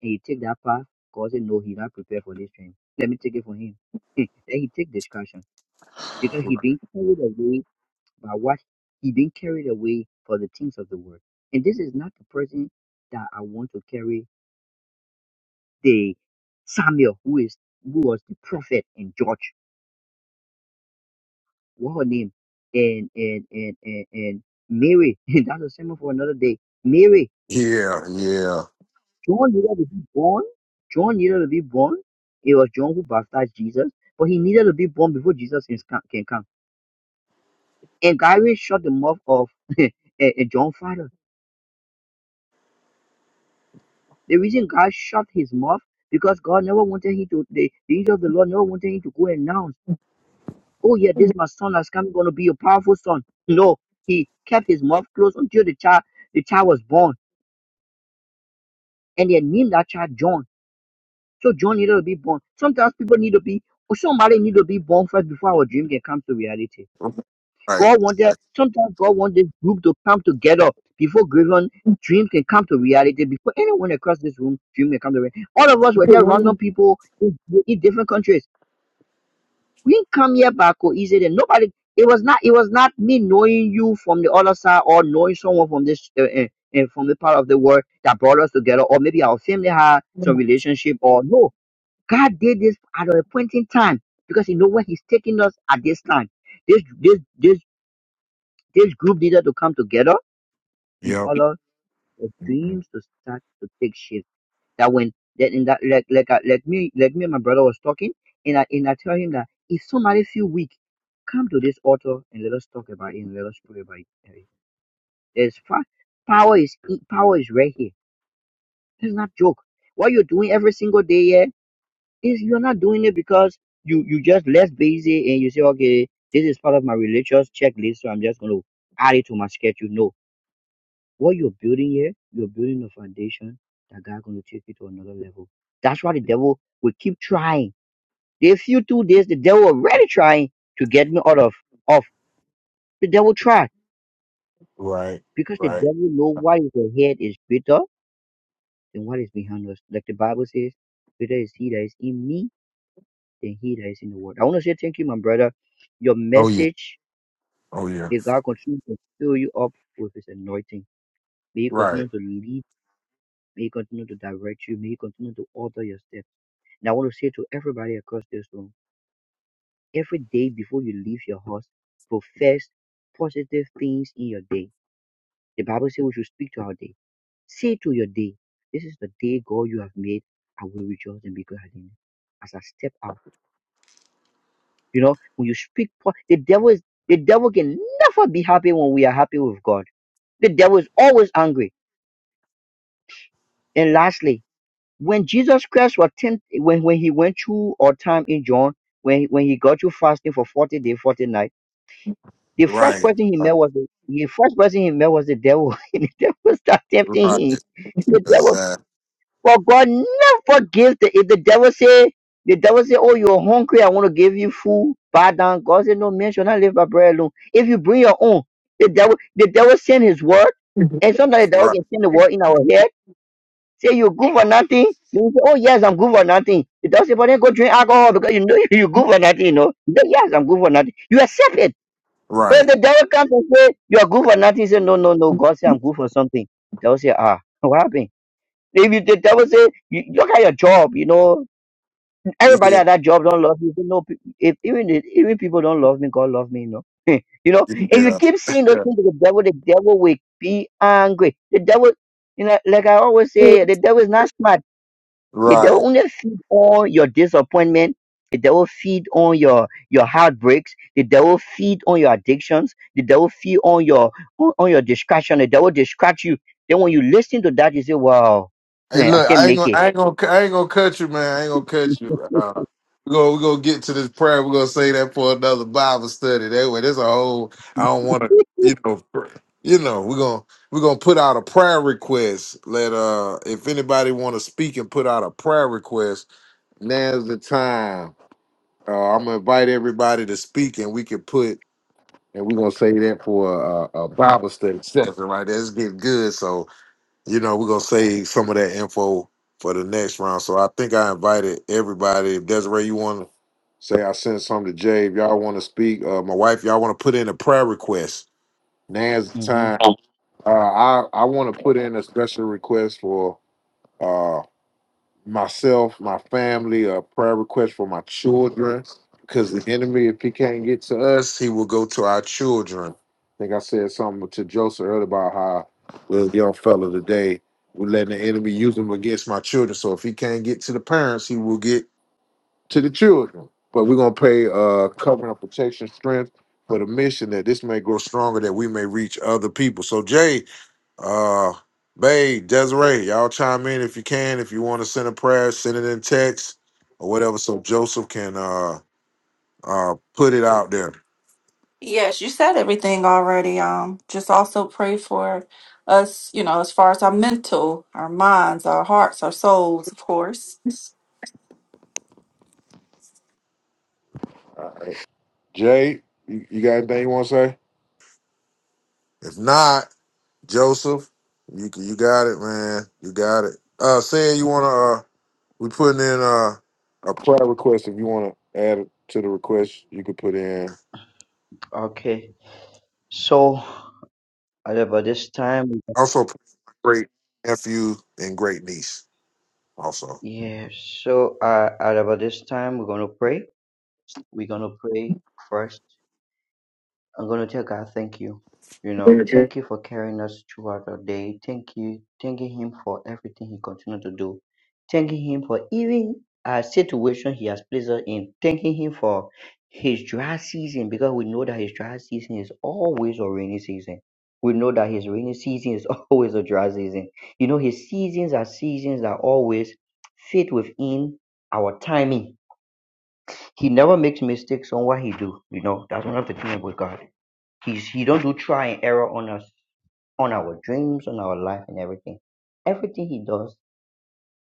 Speaker 2: and he take that path, because said, No, he's not prepared for this dream. Let me take it for him. Then he take discussion. because he being carried away by what he being carried away for the things of the world. And this is not the person that I want to carry the Samuel who is who was the prophet and judge. What her name? And and and and, and Mary. That's a sermon for another day. Mary.
Speaker 1: yeah, yeah,
Speaker 2: John needed to be born. John needed to be born. It was John who baptized Jesus, but he needed to be born before Jesus can can come. And Gary shut the mouth of eh, eh, John father The reason God shut his mouth because God never wanted him to the, the angel of the Lord never wanted him to go and announce, oh yeah, this my son has come, gonna be a powerful son. No, he kept his mouth closed until the child the child was born and they named that child John. So John needed to be born. Sometimes people need to be or somebody need to be born first before our dream can come to reality.
Speaker 1: right,
Speaker 2: God wanted,
Speaker 1: exactly.
Speaker 2: sometimes God wants this group to come together before given dream can come to reality. Before anyone across this room, dream can come to reality. All of us were just random people in, in different countries. We didn't come here by coincidence. Nobody, it was not, it was not me knowing you from the other side or knowing someone from this, uh, uh, uh, from the part of the world that brought us together, or maybe our family had some relationship, or no. God did this at a point in time because He know where He's taking us at this time this this this this group needed to come together in
Speaker 1: yep,
Speaker 2: order for dreams to start to take shape. That when that in that like like I- like me like me and my brother was talking, and I and I tell him that if somebody feel weak, come to this altar and let us talk about it and let us pray about it. Eh, There's fa- power is in- power is right here. It's not joke. What you're doing every single day here is you're not doing it because you you just less busy and you say okay this is part of my religious checklist so I'm just gonna add it to my schedule. No, What you're building here, you're building a foundation that God gonna take you to another level. That's why the devil will keep trying. They few two days, the devil already trying to get me out of off the devil try
Speaker 1: right,
Speaker 2: because the
Speaker 1: right.
Speaker 2: devil know what is ahead is greater than what is behind us. Like the Bible says, greater is he that is in me than he that is in the world. I want to say thank you, my brother. Your
Speaker 1: Oh yeah.
Speaker 2: message,
Speaker 1: Oh yeah.
Speaker 2: may God continue to fill you up with his anointing. May he
Speaker 1: Right.
Speaker 2: continue to lead. May he continue to direct you. May he continue to alter your steps. And I want to say to everybody across this room every day before you leave your house, profess positive things in your day. The Bible says we should speak to our day. Say to your day, This is the day God you have made. I will rejoice and be glad in it. As I step out, you know, when you speak, po- the devil is the devil can never be happy when we are happy with God. The devil is always angry. And lastly, when Jesus Christ was tempted, when, when he went through our time in John, when, when he got you fasting for 40 days, 40 nights The first
Speaker 1: Right.
Speaker 2: person he
Speaker 1: Uh,
Speaker 2: met was the, the first person he met was the devil, and the devil started
Speaker 1: Right.
Speaker 2: tempting him. The devil,
Speaker 1: Exactly.
Speaker 2: for God never forgives the if the devil say the devil say, oh you're hungry, I want to give you food, bow down. God said, no man shall not live by bread alone. If you bring your own, the devil the devil send his word, and sometimes the devil
Speaker 1: Right.
Speaker 2: can send the word in our head. Say you're good for nothing. Then you say, oh yes, I'm good for nothing. The devil say, but then go drink alcohol because you know you're good for nothing. You know, You say, yes, I'm good for nothing. You accept it. When
Speaker 1: Right.
Speaker 2: the devil comes and say you're good for nothing, he say no, no, no. God say I'm good for something. Devil say ah, what happened? If you, the devil say you, look at your job, you know everybody
Speaker 1: Yeah.
Speaker 2: at that job don't love you. you know, if even if, even people don't love me, God love me. You know, you know. If you
Speaker 1: Yeah.
Speaker 2: keep saying those things to the devil, the devil will be angry. The devil, you know, like I always say, the devil is not smart. They don't
Speaker 1: right.
Speaker 2: only feed on your disappointment. The devil feed on your your heartbreaks. The devil feed on your addictions. The devil feed on your on, on your distraction. The devil distract you. Then when you listen to that, you say, "Wow,
Speaker 1: Hey,
Speaker 2: eh, I
Speaker 1: look.
Speaker 2: can't
Speaker 1: I ain't
Speaker 2: make
Speaker 1: gonna.
Speaker 2: it."
Speaker 1: I ain't gonna. I ain't gonna cut you, man. I ain't gonna cut you. Uh, we gonna we gonna get to this prayer. We're gonna say that for another Bible study. That way, there's a whole. I don't want to. You know. pr- You know. We're gonna we're gonna put out a prayer request. Let uh, if anybody want to speak and put out a prayer request, now's the time. Uh, I'm gonna invite everybody to speak, and we could put, and we're gonna say that for a, a Bible study session, right? That's getting good. So you know, we're gonna save some of that info for the next round. So I think I invited everybody. If Desiree, you want to say, I sent some to Jay. If y'all want to speak, uh, my wife, y'all want to put in a prayer request. Now's the
Speaker 2: hmm
Speaker 1: time. Uh, I I want to put in a special request for. uh, myself, my family, a prayer request for my children. Because the enemy, if he can't get to us, he will go to our children. I think I said something to Joseph earlier about how little young fella today we're letting the enemy use him against my children. So if he can't get to the parents, he will get to the children. But we're gonna pay uh covering of protection strength for the mission that this may grow stronger, that we may reach other people. So Jay, uh, Bay, Desiree, y'all chime in if you can. If you want to send a prayer, send it in text or whatever, so Joseph can uh uh put it out there.
Speaker 4: Yes, you said everything already. Um, just also pray for us, you know, as far as our mental, our minds, our hearts, our souls, of course.
Speaker 1: Jay, you, you got anything you want to say? If not, Joseph, you you got it, man. You got it. Uh, saying you want to, uh, we putting in uh a prayer request. If you want to add it to the request, you could put in.
Speaker 2: Okay. So at about this time,
Speaker 1: Also, great nephew and great niece. Also.
Speaker 2: yeah. So uh, at about this time, we're gonna pray. We're gonna pray first. I'm going to tell God, thank you. You know, thank you for carrying us throughout our day. Thank you. Thanking Him for everything He continues to do. Thanking Him for even a situation He has placed us in. Thanking Him for His dry season because we know that His dry season is always a rainy season. We know that His rainy season is always a dry season. You know, His seasons are seasons that always fit within our timing. He never makes mistakes on what He do. You know, that's one of the things with God. He's he don't do try and error on us, on our dreams, on our life, and everything. Everything he does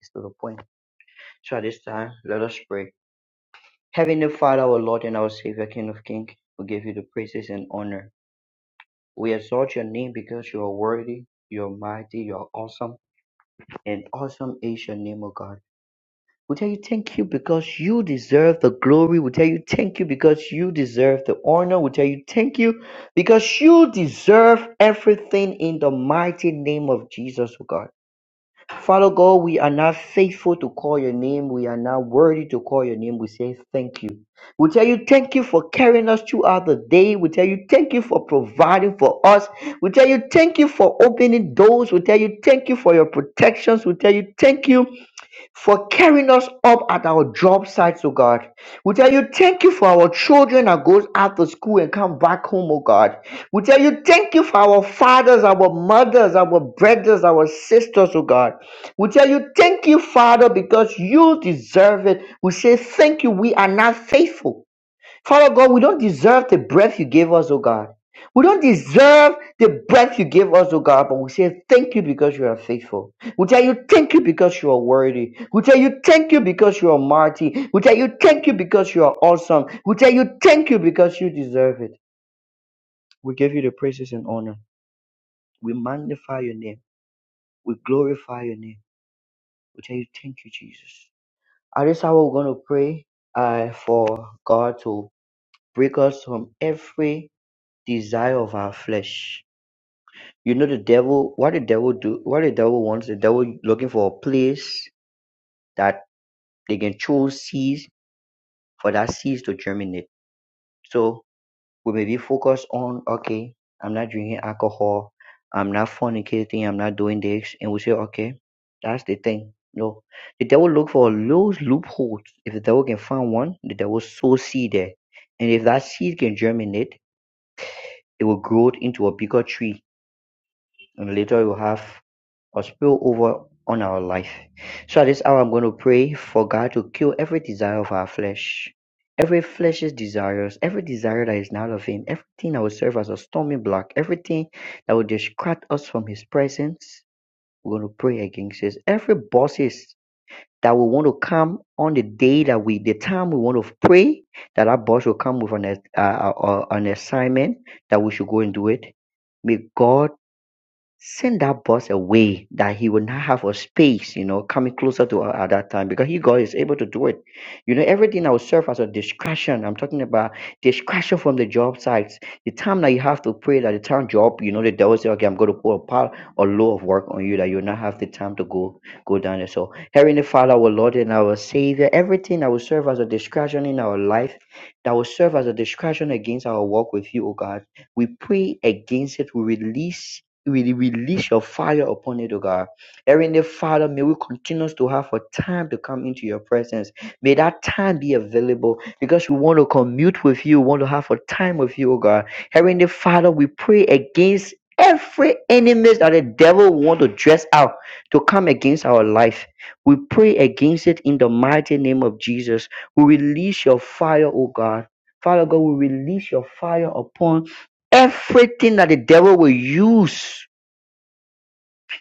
Speaker 2: is to the point. So at this time, let us pray. Heavenly Father, our Lord and our Savior, King of Kings, we give you the praises and honor. We exalt your name because you are worthy, you are mighty, you are awesome, and awesome is your name, O God. We tell you thank you because you deserve the glory. We tell you thank you because you deserve the honor. We tell you thank you because you deserve everything in the mighty name of Jesus, oh God. Father God, we are not faithful to call your name. We are not worthy to call your name. We say thank you. We tell you thank you for carrying us throughout the day. We tell you thank you for providing for us. We tell you thank you for opening doors. We tell you thank you for your protections. We tell you thank you for carrying us up at our job sites, oh God. We tell you thank you for our children that goes out to school and come back home, oh God. We tell you thank you for our fathers, our mothers, our brothers, our sisters, oh God. We tell you thank you, Father, because you deserve it. We say thank you. We are not faithful. Father God, we don't deserve the breath you gave us, oh God. We don't deserve the breath you gave us, oh God, but we say thank you because you are faithful. We tell you thank you because you are worthy. We tell you thank you because you are mighty. We tell you thank you because you are awesome. We tell you thank you because you deserve it. We give you the praises and honor. We magnify your name. We glorify your name. We tell you thank you, Jesus. At this hour, we're going to pray uh, for God to break us from every desire of our flesh. You know the devil what the devil do what the devil wants, the devil looking for a place that they can throw seeds for that seeds to germinate. So we may be focused on okay, I'm not drinking alcohol, I'm not fornicating, I'm not doing this, and we say, Okay, that's the thing. No. The devil look for those loopholes. If the devil can find one, the devil sow seed there. And if that seed can germinate, it will grow into a bigger tree and later you will have or spill over on our life. So at this hour, I'm going to pray for God to kill every desire of our flesh, every flesh's desires, every desire that is not of Him, everything that will serve as a storming block, everything that will distract us from His presence. We're going to pray against this. Every bosses that will want to come on the day that we, the time we want to pray, that our boss will come with an, uh, uh, uh, an assignment that we should go and do it. May God send that boss away that he would not have a space, you know, coming closer to her at that time because he God is able to do it. You know, everything that will serve as a distraction. I'm talking about distraction from the job sites. The time that you have to pray that the time job, you know, the devil say, okay, I'm going to put a pile or load of work on you that you'll not have the time to go go down there. So, Heavenly Father, our Lord and our Savior, everything that will serve as a distraction in our life, that will serve as a distraction against our walk with you, oh God, we pray against it. We release we release your fire upon it, O God. Heavenly Father, may we continue to have a time to come into your presence. May that time be available because we want to commute with you, we want to have a time with you, O God. Heavenly Father, we pray against every enemies that the devil want to dress out to come against our life. We pray against it in the mighty name of Jesus. We release your fire, O God. Father God, we release your fire upon everything that the devil will use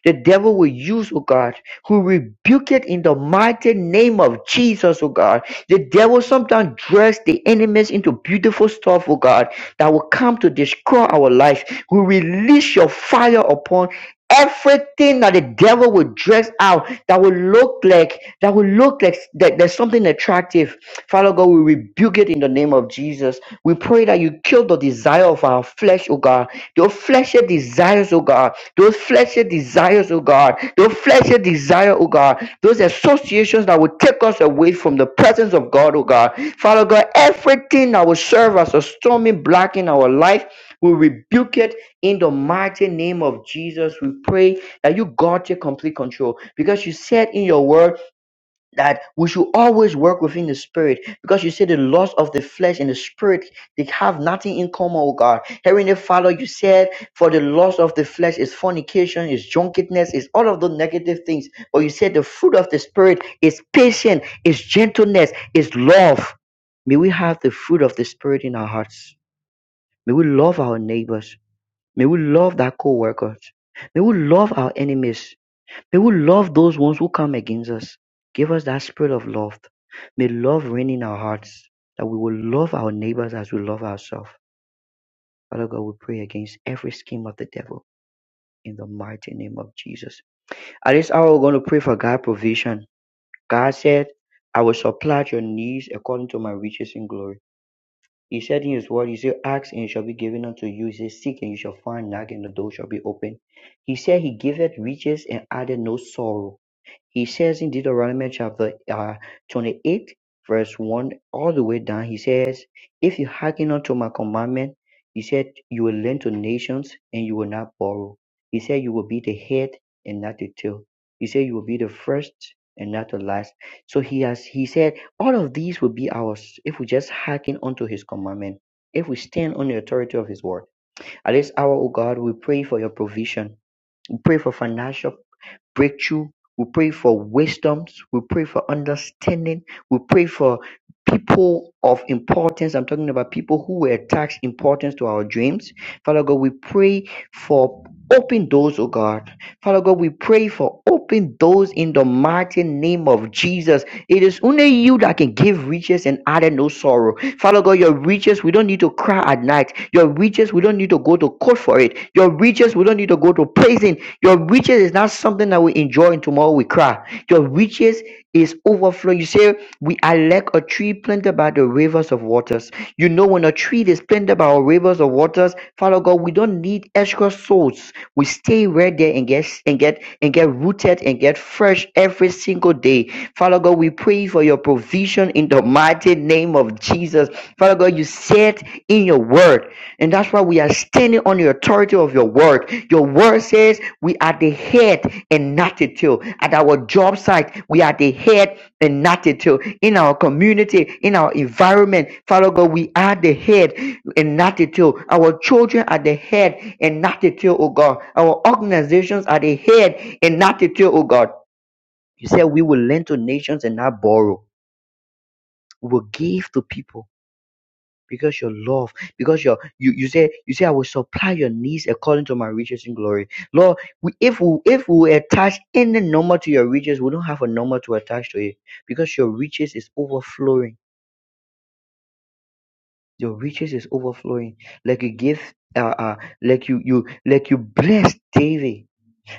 Speaker 2: the devil will use, oh God. Who rebuke it in the mighty name of Jesus, oh God. The devil sometimes dress the enemies into beautiful stuff, oh God, that will come to destroy our life. We release your fire upon everything that the devil will dress out that will look like that will look like that there's something attractive father god we rebuke it in the name of jesus we pray that you kill the desire of our flesh oh god your fleshly desires oh god those fleshly desires, oh God, those fleshly desire, oh God, those associations that will take us away from the presence of God, oh God. Father God, everything that will serve as a stormy block in our life, we rebuke it in the mighty name of Jesus. We pray that you, God, take complete control because you said in your word that we should always work within the spirit because you say the lust of the flesh and the spirit they have nothing in common oh god heavenly father you said for the lust of the flesh is fornication is drunkenness is all of the negative things but you said the fruit of the spirit is patience is gentleness is love may we have the fruit of the spirit in our hearts may we love our neighbors may we love our co-workers may we love our enemies May we love those ones who come against us Give us that spirit of love. May love reign in our hearts, that we will love our neighbors as we love ourselves. Father God, we pray against every scheme of the devil in the mighty name of Jesus. At this hour, we're going to pray for God's provision. God said, I will supply your needs according to my riches in glory. He said in his word, He said, Ask and it shall be given unto you. He said, Seek and you shall find, knock and the door shall be opened. He said, He giveth riches and added no sorrow. He says in Deuteronomy chapter uh, 28, verse 1 all the way down, he says, If you hearken unto my commandment, he said, you will lend to nations and you will not borrow. He said, you will be the head and not the tail. He said, you will be the first and not the last. So he has, he said, all of these will be ours if we just hearken unto his commandment. If we stand on the authority of His word, at this hour, O God, we pray for your provision. We pray for financial breakthrough. We pray for wisdoms. We pray for understanding. We pray for people of importance. I'm talking about people who will attach importance to our dreams. Father God, we pray for open doors, oh God. Father God, we pray for open doors in the mighty name of Jesus. It is only you that can give riches and add no sorrow. Father God, your riches, we don't need to cry at night. Your riches, we don't need to go to court for it. Your riches, we don't need to go to prison your riches is not something that we enjoy and tomorrow we cry. Your riches is overflowing. You say, We are like a tree planted by the rivers of waters. You know, when a tree is planted by rivers of waters, Father God, we don't need extra souls. We stay right there and get and get and get rooted and get fresh every single day. Father God, we pray for your provision in the mighty name of Jesus. Father God, you said in your word. And that's why we are standing on the authority of your word. Your word says we are the head and not the tail. At our job site, we are the head and not the tail. In our community, in our environment, Father God, we are the head and not the tail. Our children are the head and not the tail, oh God. Our organizations are the head and not the tail, oh God. You said we will lend to nations and not borrow. We will give to people because your love, because your you you say you say I will supply your needs according to my riches in glory. Lord, we, if we if we attach any number to your riches, we don't have a number to attach to it because your riches is overflowing. Your riches is overflowing. Like you give uh, uh like you you like you bless David,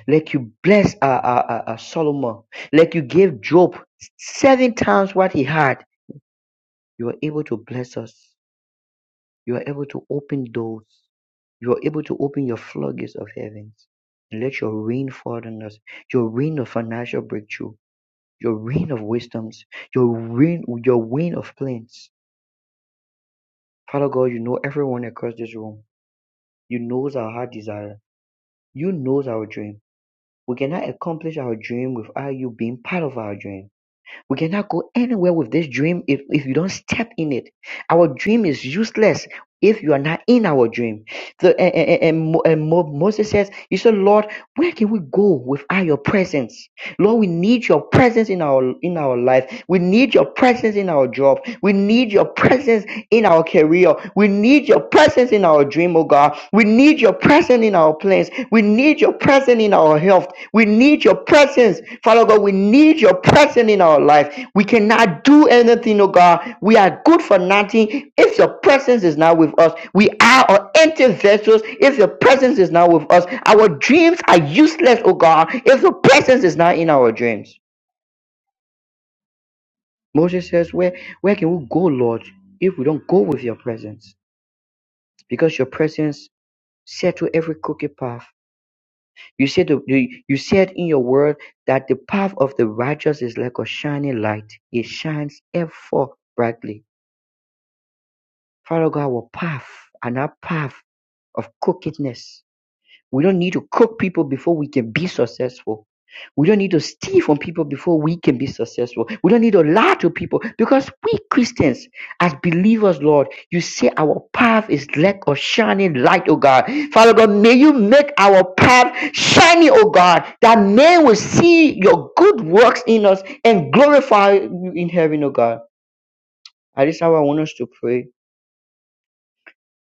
Speaker 2: like you bless uh, uh, uh uh, Solomon, like you gave Job seven times what he had. You are able to bless us. You are able to open doors. You are able to open your floodgates of heavens and let your rain fall on us. Your rain of financial breakthrough. Your rain of wisdoms. Your rain, your rain of plans. Father God, you know everyone across this room. You knows our heart desire. You knows our dream. We cannot accomplish our dream without you being part of our dream. We cannot go anywhere with this dream if, if you don't step in it. Our dream is useless if you are not in our dream. So, and, and, and Mo- and Mo- Moses says, You said, Lord, where can we go without your presence? Lord, we need your presence in our in our life. We need your presence in our job. We need your presence in our career. We need your presence in our dream, oh God. We need your presence in our plans. We need your presence in our health. We need your presence. Father God, we need your presence in our life. We cannot do anything, oh God. We are good for nothing if your presence is not with us. We are our empty vessels if your presence is not with us. Our dreams are useless, oh God, if your presence is not in our dreams. Moses says, Where where can we go, Lord, if we don't go with your presence? Because your presence set to every crooked path. You said, the- you said in your word that the path of the righteous is like a shining light. It shines ever brightly. Father God, our path and our path of crookedness we don't need to cook people before we can be successful. We don't need to steal from people before we can be successful. We don't need to lie to people because we Christians, as believers, Lord, you say our path is like a shining light, oh God. Father God, may you make our path shiny, oh God, that men will see your good works in us and glorify you in heaven, oh God. At this hour, I want us to pray.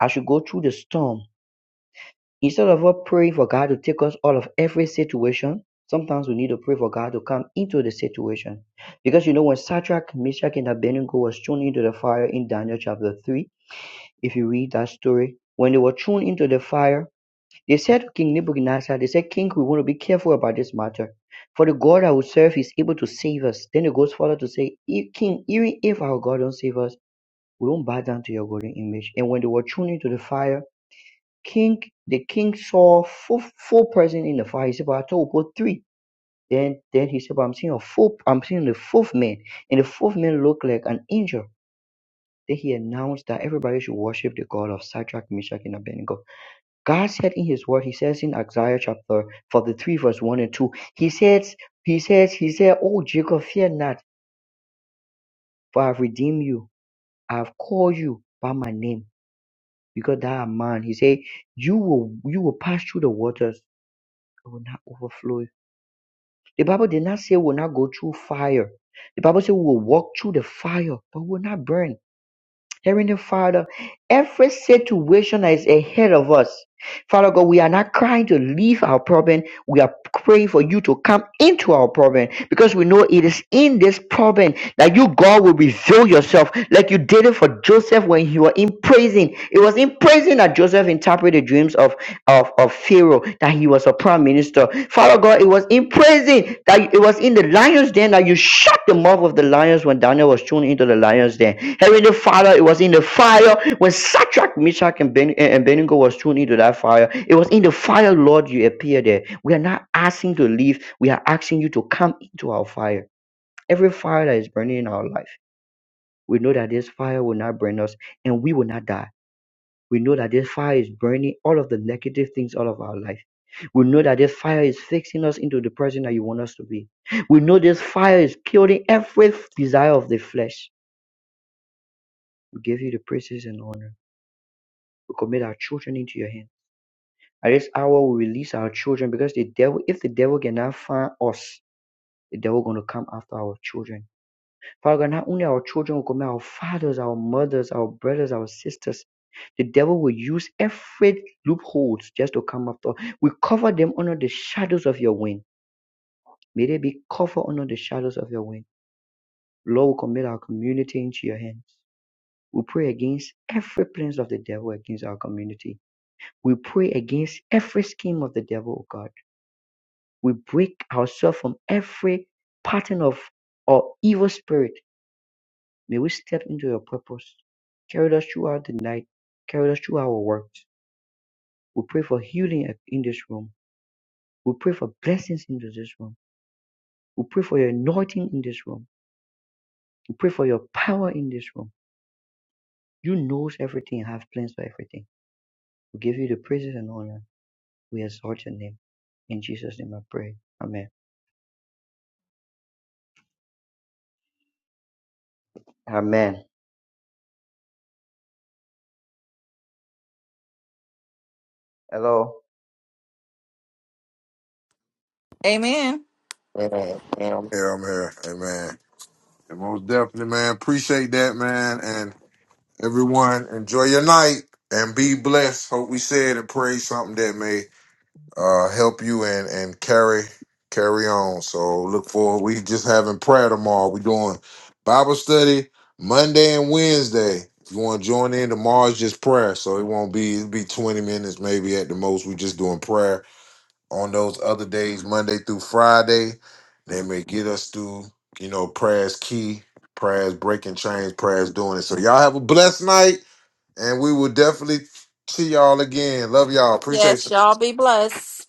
Speaker 2: I should go through the storm. Instead of us praying for God to take us out of every situation, sometimes we need to pray for God to come into the situation. Because you know, when Sadrach, Meshach, and Abednego was thrown into the fire in Daniel chapter 3, if you read that story, when they were thrown into the fire, they said to King Nebuchadnezzar, they said, King, we want to be careful about this matter. For the God I will serve is able to save us. Then it goes further to say, "If- King, even if our God don't save us, we won't bow down to your golden image. And when they were thrown into the fire, King, the king saw four four person in the fire. He said, But I told God three." Then then he said, But I'm seeing a 4th i I'm seeing the fourth man. And the fourth man looked like an angel. Then he announced that everybody should worship the God of Shadrach, Meshach, and Abednego. God said in his word, he says in Isaiah chapter 43, verse 1 and 2, he says, he says, he said, Oh Jacob, fear not, for I've redeemed you. I've called you by my name. Because thou art mine. He said, You will you will pass through the waters, it will not overflow you The Bible did not say we'll not go through fire. The Bible said we will walk through the fire, but we will not burn. Heavenly Father, every situation that is ahead of us, Father God, we are not crying to leave our problem. We are praying for you to come into our problem because we know it is in this problem that you, God, will reveal yourself like you did it for Joseph when you were in prison. It was in prison that Joseph interpreted the dreams of of, of Pharaoh, that he was a prime minister. Father God, it was in prison that it was in the lion's den that you shut the mouth of the lions when Daniel was thrown into the lion's den. Heavenly Father, it was in the fire when Sadrach, Meshach, and, ben- and and Abednego was thrown into that fire. It was in the fire, Lord, you appeared there. We are not asking to leave. We are asking you to come into our fire. Every fire that is burning in our life, we know that this fire will not burn us and we will not die we know that this fire is burning all of the negative things out of our life. We know that this fire is fixing us into the person that you want us to be. We know this fire is killing every desire of the flesh. We give you the praises and honor. We commit our children into your hand. At this hour, we release our children because the devil, if the devil cannot find us, the devil going to come after our children. Father God, not only our children, we commit our fathers, our mothers, our brothers, our sisters. The devil will use every loopholes just to come after. We cover them under the shadows of your wing. May they be covered under the shadows of your wing. Lord, we commit our community into your hands. We pray against every plans of the devil against our community. We pray against every scheme of the devil, O God. We break ourselves from every pattern of or evil spirit. May we step into your purpose. Carry us throughout the night. Carry us through our works. We pray for healing in this room. We pray for blessings into this room. We pray for your anointing in this room. We pray for your power in this room. You knows everything and have plans for everything. We give you the praises and honor. We exalt your name. In Jesus' name I pray. Amen. Amen. Hello.
Speaker 4: Amen.
Speaker 1: Man, man, I'm here. I'm here. Hey, man. And most definitely, man. Appreciate that, man. And everyone, enjoy your night and be blessed. Hope we said and prayed something that may uh, help you and and carry carry on. So look forward. We just having prayer tomorrow. We doing Bible study Monday and Wednesday. If you want to join in, tomorrow's just prayer. So it won't be it'll be 20 minutes maybe at the most. We just doing prayer on those other days, Monday through Friday. They may get us through, you know, prayers key, prayers breaking chains, prayers doing it. So y'all have a blessed night, and we will definitely see y'all again. Love y'all. Appreciate
Speaker 4: Yes,
Speaker 1: you.
Speaker 4: y'all be blessed.